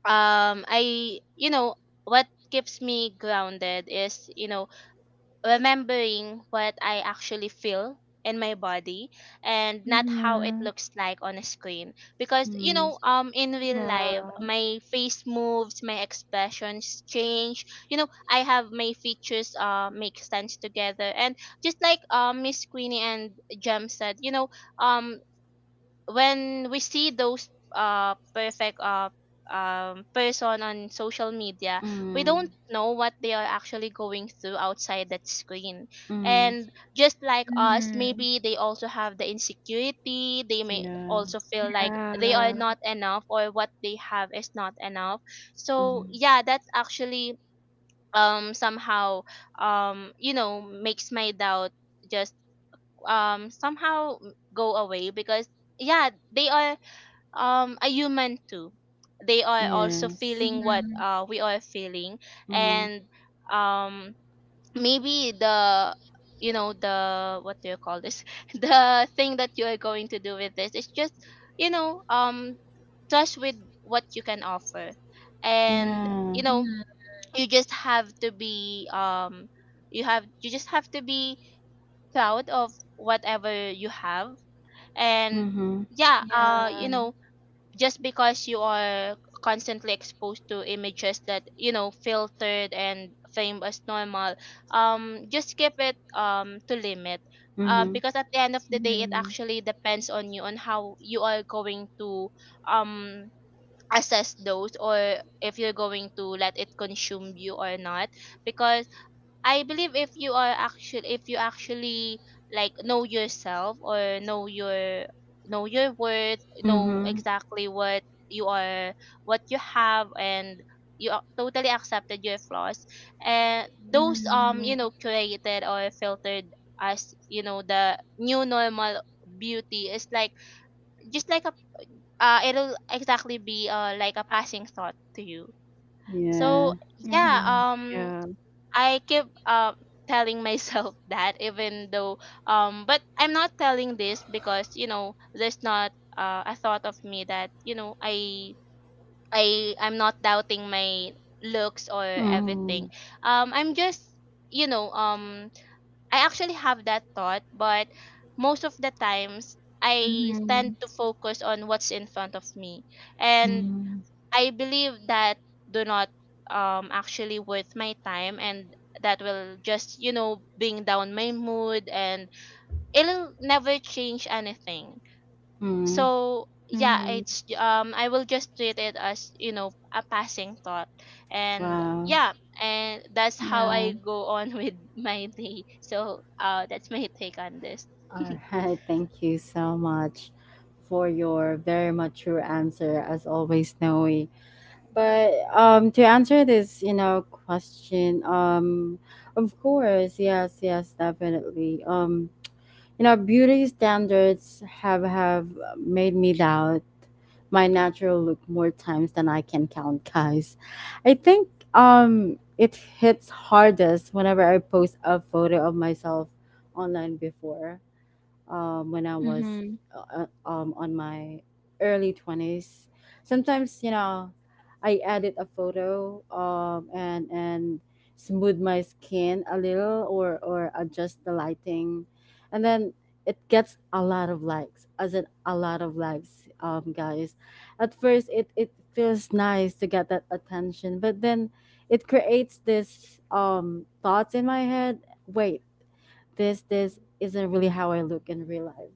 Speaker 3: um i you know, what keeps me grounded is, you know, remembering what I actually feel in my body and not how it
Speaker 2: Mm-hmm.
Speaker 3: looks like on a screen. Because you
Speaker 1: Mhm.
Speaker 3: know, in real life
Speaker 2: Yeah.
Speaker 3: my face moves, my expressions change, you know, I have my features, make sense together. And just like, Miss Queenie and Jem said, you know, um when we see those perfect person on social media, we
Speaker 1: Mm.
Speaker 3: don't know what they are actually going through outside that screen.
Speaker 1: Mm.
Speaker 3: And just like us,
Speaker 2: Mm-hmm.
Speaker 3: maybe they also have the insecurity, they may
Speaker 1: Yeah.
Speaker 3: also feel like they are
Speaker 2: Yeah.
Speaker 3: not enough, or what they have is not enough. So
Speaker 1: Mhm.
Speaker 3: yeah, that's actually somehow, you know, makes my doubt just somehow go away, because yeah, they are a human too. They are also
Speaker 1: Yes.
Speaker 3: feeling what
Speaker 2: Mm-hmm.
Speaker 3: we are feeling.
Speaker 1: Mhm.
Speaker 3: And um maybe the, you know, the what do you call this the thing that you are going to do with this is just, you know um trust with what you can offer. And
Speaker 1: Yeah.
Speaker 3: you know,
Speaker 2: Mm-hmm.
Speaker 3: you just have to be you just have to be proud of whatever you have. And
Speaker 1: Mhm.
Speaker 3: yeah, you
Speaker 2: Yeah.
Speaker 3: know, just because you are constantly exposed to images that, you know, filtered and framed as normal, just keep it to limit,
Speaker 1: Mhm.
Speaker 3: because at the end of the day, it
Speaker 2: Mm-hmm.
Speaker 3: actually depends on you, on how you are going to um assess those, or if you're going to let it consume you or not. Because I believe if you are actually if you actually like know yourself, or know your, know your worth, know
Speaker 1: Mhm.
Speaker 3: exactly what you are, what you have, and you totally accepted your flaws, and those, um, you
Speaker 2: Mm-hmm.
Speaker 3: know, created or filtered as, you know, the new normal beauty is like just like a, it'll exactly be like a passing thought to you.
Speaker 1: Yeah.
Speaker 3: So yeah,
Speaker 2: Mm-hmm. Yeah.
Speaker 3: I keep, telling myself that even though, but I'm not telling this because, you know, there's not a thought of me that, you know, I'm not doubting my looks or
Speaker 1: Mm.
Speaker 3: everything. I'm just, you know, I actually have that thought, but most of the times I
Speaker 2: Mm-hmm.
Speaker 3: tend to focus on what's in front of me. And
Speaker 1: Mm.
Speaker 3: I believe that do not actually worth my time, and that will just, you know, bring down my mood, and it'll never change anything.
Speaker 1: Mm.
Speaker 3: So yeah,
Speaker 2: Mm-hmm.
Speaker 3: it's, I will just treat it as, you know, a passing thought. And
Speaker 1: Wow.
Speaker 3: yeah, and that's how I
Speaker 2: Yeah.
Speaker 3: go on with my day. So that's my take on this.
Speaker 1: All right. Thank you so much for your very mature answer, as always, Noe. But to answer this, you know, question, of course, yes, yes, definitely. You know, beauty standards have made me doubt my natural look more times than I can count, guys. I think it hits hardest whenever I post a photo of myself online before, when I was
Speaker 2: Mm-hmm.
Speaker 1: on my early 20s. Sometimes, you know, I edit a photo, and, smooth my skin a little, or adjust the lighting. And then it gets a lot of likes, as in a lot of likes, guys. At first, it feels nice to get that attention, but then it creates this thoughts in my head: wait, this isn't really how I look in real life.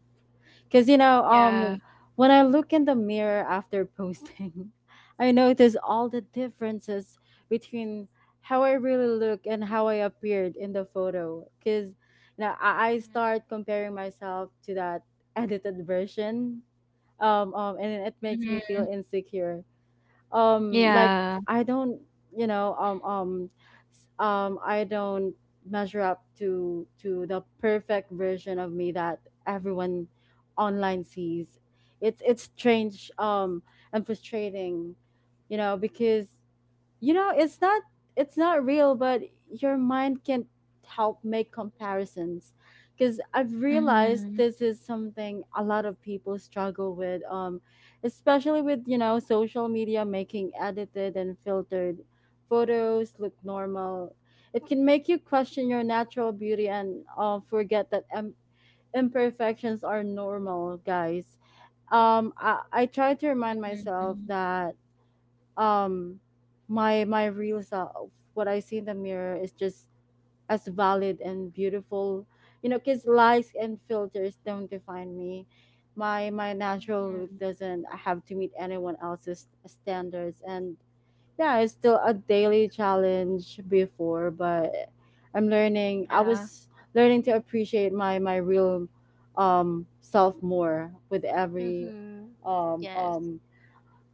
Speaker 1: Cause you know,
Speaker 2: Yeah.
Speaker 1: when I look in the mirror after posting, I notice all the differences between how I really look and how I appeared in the photo. Cause you know, I start comparing myself to that edited version. And it makes me feel
Speaker 2: Mm-hmm.
Speaker 1: insecure like
Speaker 2: Yeah.
Speaker 1: I don't you know s- I don't measure up to the perfect version of me that everyone online sees. It's strange and frustrating, you know, because it's not, it's not real, but your mind can't help make comparisons because I've realized
Speaker 2: Mm-hmm.
Speaker 1: this is something a lot of people struggle with. Um, especially with, you know, social media making edited and filtered photos look normal, it can make you question your natural beauty and forget that imperfections are normal, guys. I try to remind myself that um my real self, what I see in the mirror, is just as valid and beautiful, you know, because likes and filters don't define me. My natural
Speaker 2: Mm-hmm.
Speaker 1: look doesn't have to meet anyone else's standards. And yeah, it's still a daily challenge before, but I'm learning. I
Speaker 2: Yeah.
Speaker 1: was learning to appreciate my real self more with every
Speaker 3: Mhm.
Speaker 1: um
Speaker 3: Yes.
Speaker 1: um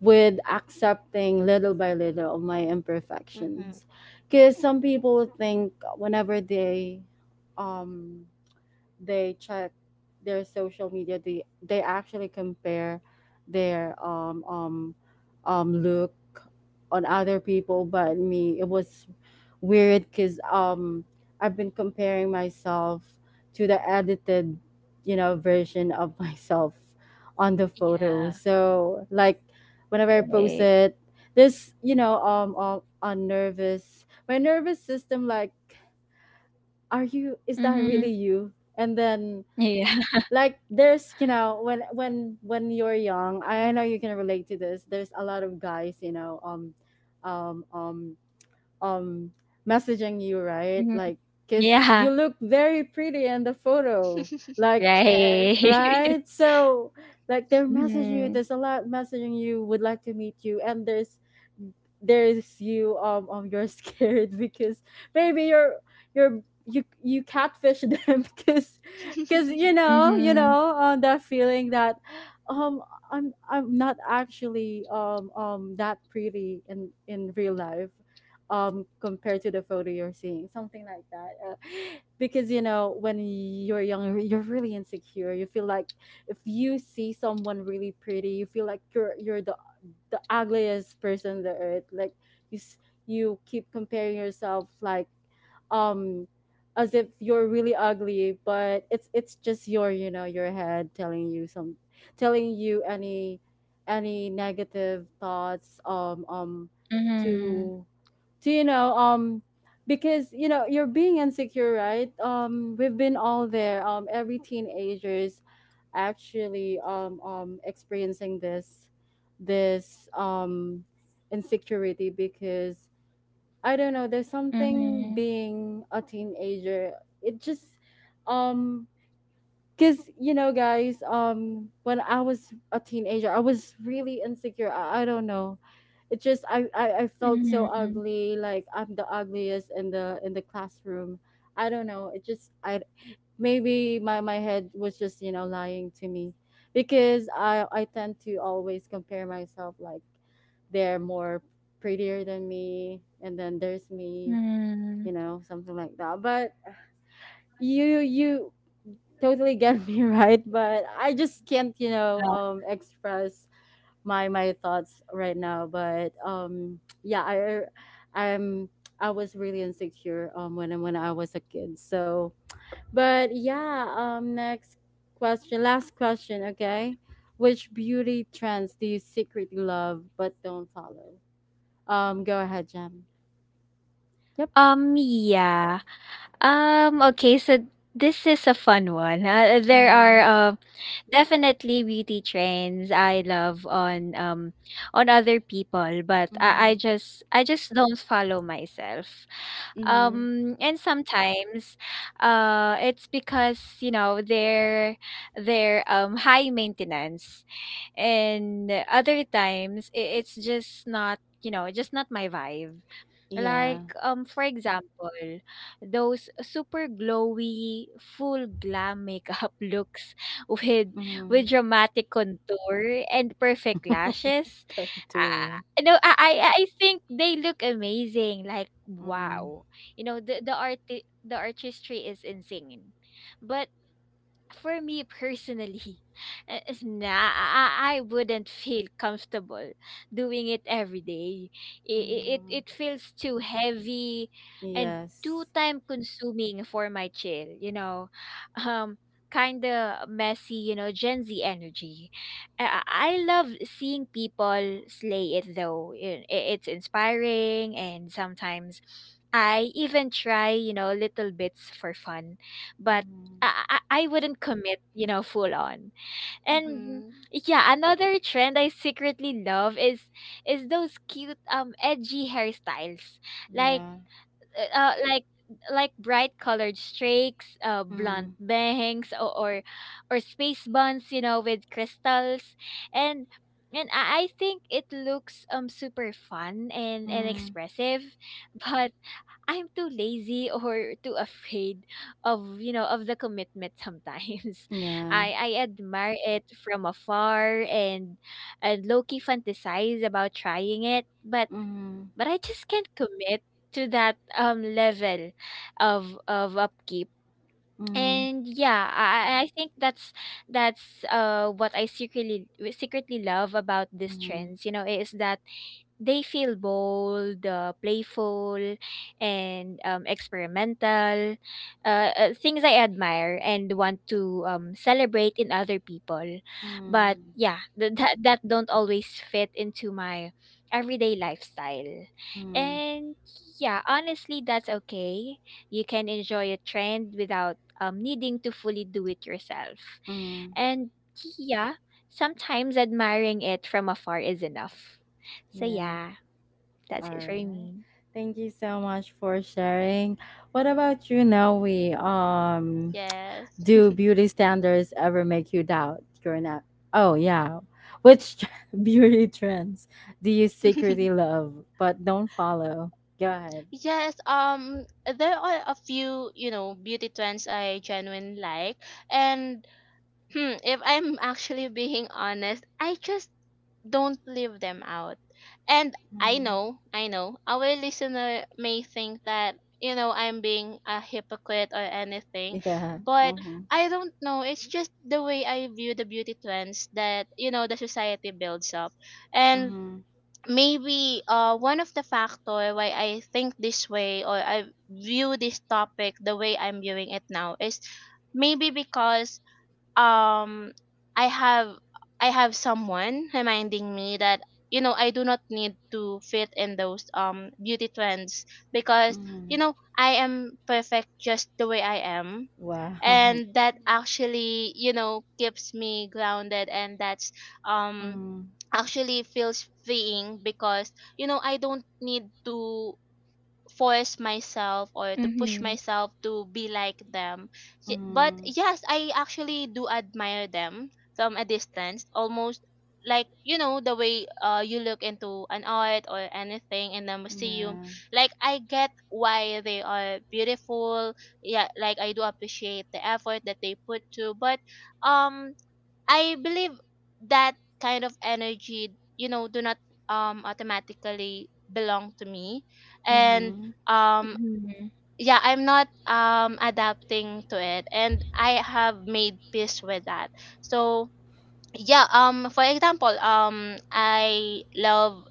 Speaker 1: with accepting little by little of my
Speaker 3: Mhm.
Speaker 1: imperfections. Because some people think whenever um they check their social media, they actually compare their look on other people. But me, it was weird because I've been comparing myself to the edited, you know, version of myself on the photo.
Speaker 2: Yeah.
Speaker 1: So like whenever I post
Speaker 2: Right.
Speaker 1: it, this, you know, on nervous, my nervous system like, are you, is that
Speaker 2: Mm-hmm.
Speaker 1: really you? And then
Speaker 2: Yeah.
Speaker 1: like there's, you know, when when you're young, I know you can relate to this, there's a lot of guys, you know, um um um messaging you, right?
Speaker 2: Mm-hmm.
Speaker 1: Like because
Speaker 2: Yeah.
Speaker 1: you look very pretty in the photo, like,
Speaker 3: Yes.
Speaker 2: Right.
Speaker 1: right? So like they're messaging you.
Speaker 2: Mm-hmm.
Speaker 1: There's a lot messaging you. Would like to meet you, and there's you, you're scared because maybe you're, you catfish them because you know,
Speaker 2: Mm-hmm.
Speaker 1: that feeling that um I'm not actually that pretty in real life compared to the photo. You're seeing something like that, because, you know, when you're young, you're really insecure. You feel like if you see someone really pretty, you feel like you're the ugliest person on the earth. Like you s- you keep comparing yourself, like um as if you're really ugly. But it's just your, you know, your head telling you some, telling you any negative thoughts.
Speaker 2: Mm-hmm.
Speaker 1: To, do you know, because you know you're being insecure, right? We've been all there. Every teenagers actually experiencing this, this insecurity. Because I don't know, there's something
Speaker 2: Mm-hmm.
Speaker 1: being a teenager, it just um because, you know, guys, when I was a teenager, I was really insecure. I don't know, it just I felt so
Speaker 2: Mm-hmm.
Speaker 1: ugly, like I'm the ugliest in the classroom. I don't know, it just I, maybe my head was just, you know, lying to me because I tend to always compare myself like they're more prettier than me and then there's me.
Speaker 2: Mm-hmm.
Speaker 1: You know, something like that. But you totally get me, right? But I just can't, you know,
Speaker 2: Uh,
Speaker 1: express my thoughts right now, but yeah, I, I'm, I was really insecure when I was a kid. So but yeah, next question, last question. Okay, which beauty trends do you secretly love but don't follow? Go ahead, Jam. Yep.
Speaker 2: yeah. Okay, so this is a fun one. There are,
Speaker 1: Mm,
Speaker 2: definitely beauty trends I love on, on other people, but
Speaker 1: mm,
Speaker 2: I just don't follow myself.
Speaker 1: mm,
Speaker 2: And sometimes it's because, you know, they're high maintenance, and other times it's just not, just not my vibe, like,
Speaker 1: yeah.
Speaker 2: for example, those super glowy, full glam makeup looks with
Speaker 1: Mm.
Speaker 2: with dramatic contour and perfect lashes.
Speaker 1: Katuria.
Speaker 2: No, I think they look amazing. Like,
Speaker 1: Mm.
Speaker 2: wow, you know, the artistry is insane, but for me personally, is nah, I wouldn't feel comfortable doing it every day. It, it,
Speaker 1: Mm.
Speaker 2: it feels too heavy and too
Speaker 1: Yes.
Speaker 2: time consuming for my chill. Um, Kind of messy, you know, Gen Z energy. I love seeing people slay it though. It's inspiring, and sometimes I even try, you know, little bits for fun. But
Speaker 1: Mm.
Speaker 2: I, I wouldn't commit, you know, full on. And
Speaker 3: Mhm.
Speaker 2: yeah, another trend I secretly love is those cute edgy hairstyles. Like,
Speaker 1: Yeah.
Speaker 2: uh uh, like like bright colored streaks, blunt
Speaker 1: Mm.
Speaker 2: bangs, or space buns, you know, with crystals. And and I think it looks super fun and
Speaker 1: Mm.
Speaker 2: expressive, but I'm too lazy or too afraid of, you know, of the commitment sometimes.
Speaker 1: Yeah.
Speaker 2: I admire it from afar and low-key fantasize about trying it, but
Speaker 1: Mm.
Speaker 2: I just can't commit to that level of upkeep.
Speaker 1: Mm.
Speaker 2: And yeah, I think that's what I secretly love about these
Speaker 1: Mm.
Speaker 2: trends, you know, is that they feel bold, playful, and, experimental. Things I admire and want to, celebrate in other people. But
Speaker 1: Mm.
Speaker 2: yeah, that don't always fit into my everyday lifestyle.
Speaker 1: Mm.
Speaker 2: And yeah, honestly, that's okay. You can enjoy a trend without, needing to fully do it yourself.
Speaker 1: Mm.
Speaker 2: And yeah, sometimes admiring it from afar is enough. So
Speaker 1: Yeah.
Speaker 2: yeah. That is it
Speaker 1: All
Speaker 2: for very
Speaker 1: right.
Speaker 2: mean.
Speaker 1: Thank you so much for sharing. What about you, Noe? Um,
Speaker 3: Yes.
Speaker 1: do beauty standards ever make you doubt growing up? Oh yeah. Which beauty trends do you secretly love but don't follow? Go ahead.
Speaker 3: Yes, there are a few, you know, beauty trends I genuinely like. And hmm, if I'm actually being honest, I just don't leave them out. And
Speaker 1: Mm,
Speaker 3: I know, our listener may think that, you know, I'm being a hypocrite or anything,
Speaker 1: yeah.
Speaker 3: but
Speaker 1: Mm-hmm.
Speaker 3: I don't know. It's just the way I view the beauty trends that, you know, the society builds up. And
Speaker 1: Mm-hmm.
Speaker 3: maybe one of the factor why I think this way, or I view this topic the way I'm viewing it now, is maybe because um I have, I have someone reminding me that, you know, I do not need to fit in those beauty trends, because,
Speaker 1: Mm-hmm.
Speaker 3: you know, I am perfect just the way I am.
Speaker 1: Wow.
Speaker 3: And that actually, you know, keeps me grounded, and that's, um
Speaker 1: Mm,
Speaker 3: actually feels freeing, because, you know, I don't need to force myself or to push
Speaker 2: Mhm,
Speaker 3: myself to be like them. But
Speaker 1: mm,
Speaker 3: yes, I actually do admire them from a distance, almost like, you know, the way you look into an art or anything in the museum.
Speaker 1: yeah.
Speaker 3: Like I get why they are beautiful. Yeah, like I do appreciate the effort that they put to, but um I believe that kind of energy, you know, do not automatically belong to me. And
Speaker 1: Mm-hmm.
Speaker 3: um
Speaker 2: mhm,
Speaker 3: yeah, I'm not adapting to it, and I have made peace with that. So yeah, for example, I love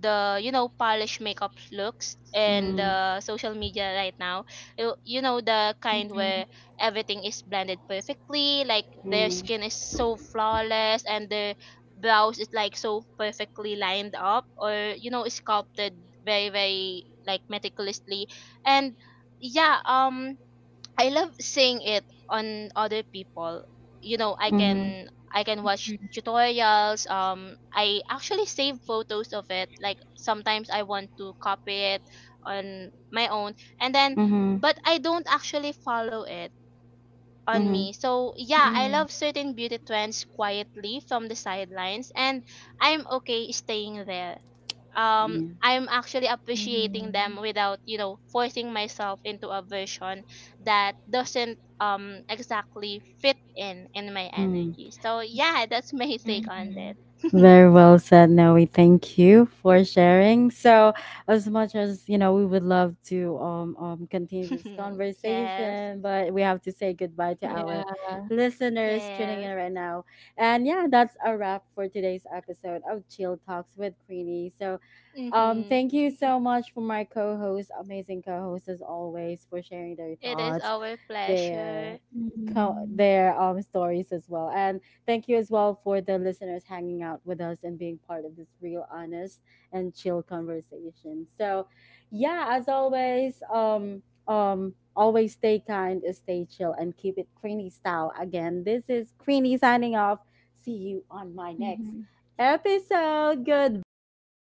Speaker 3: the, you know, polished makeup looks and
Speaker 1: Mm,
Speaker 3: the social media right now, you know, the kind
Speaker 2: mhm,
Speaker 3: where everything is blended perfectly, like their
Speaker 1: mm,
Speaker 3: skin is so flawless and their brows is like so perfectly lined up, or you know, sculpted very very like meticulously. And yeah, I love seeing it on other people. You know, I
Speaker 1: mm-hmm.
Speaker 3: can, I can watch tutorials. I actually save photos of it. Like sometimes I want to copy it on my own, and then,
Speaker 1: Mm-hmm.
Speaker 3: but I don't actually follow it on
Speaker 1: Mm-hmm.
Speaker 3: me. So yeah, I
Speaker 2: mhm,
Speaker 3: love certain beauty trends quietly from the sidelines, and I'm okay staying there.
Speaker 1: Yeah.
Speaker 3: I'm actually appreciating
Speaker 2: mhm,
Speaker 3: them without, you know, forcing myself into a version that doesn't exactly fit in my
Speaker 1: Mm-hmm.
Speaker 3: energy. So yeah, that's my take on
Speaker 2: mhm.
Speaker 3: that.
Speaker 1: Very well said, Noe. Thank you for sharing. So, as much as you know, we would love to continue this
Speaker 3: Yes.
Speaker 1: conversation, but we have to say goodbye to
Speaker 2: Yeah.
Speaker 1: our listeners tuning
Speaker 3: Yes.
Speaker 1: in right now. And yeah, that's a wrap for today's episode of Chill Talks with Queenie. So,
Speaker 3: Mhm.
Speaker 1: thank you so much for my co-host, amazing co-host as always, for sharing their
Speaker 3: It is
Speaker 1: thoughts,
Speaker 3: our
Speaker 1: their
Speaker 3: pleasure.
Speaker 2: Mhm,
Speaker 1: their stories as well, and thank you as well for the listeners hanging out with us and being part of this real, honest, and chill conversation. So, yeah, as always, always stay kind, stay chill, and keep it Creeny style. Again, this is Creeny signing off. See you on my next
Speaker 2: mhm.
Speaker 1: episode. Goodbye, guys.
Speaker 2: Bye.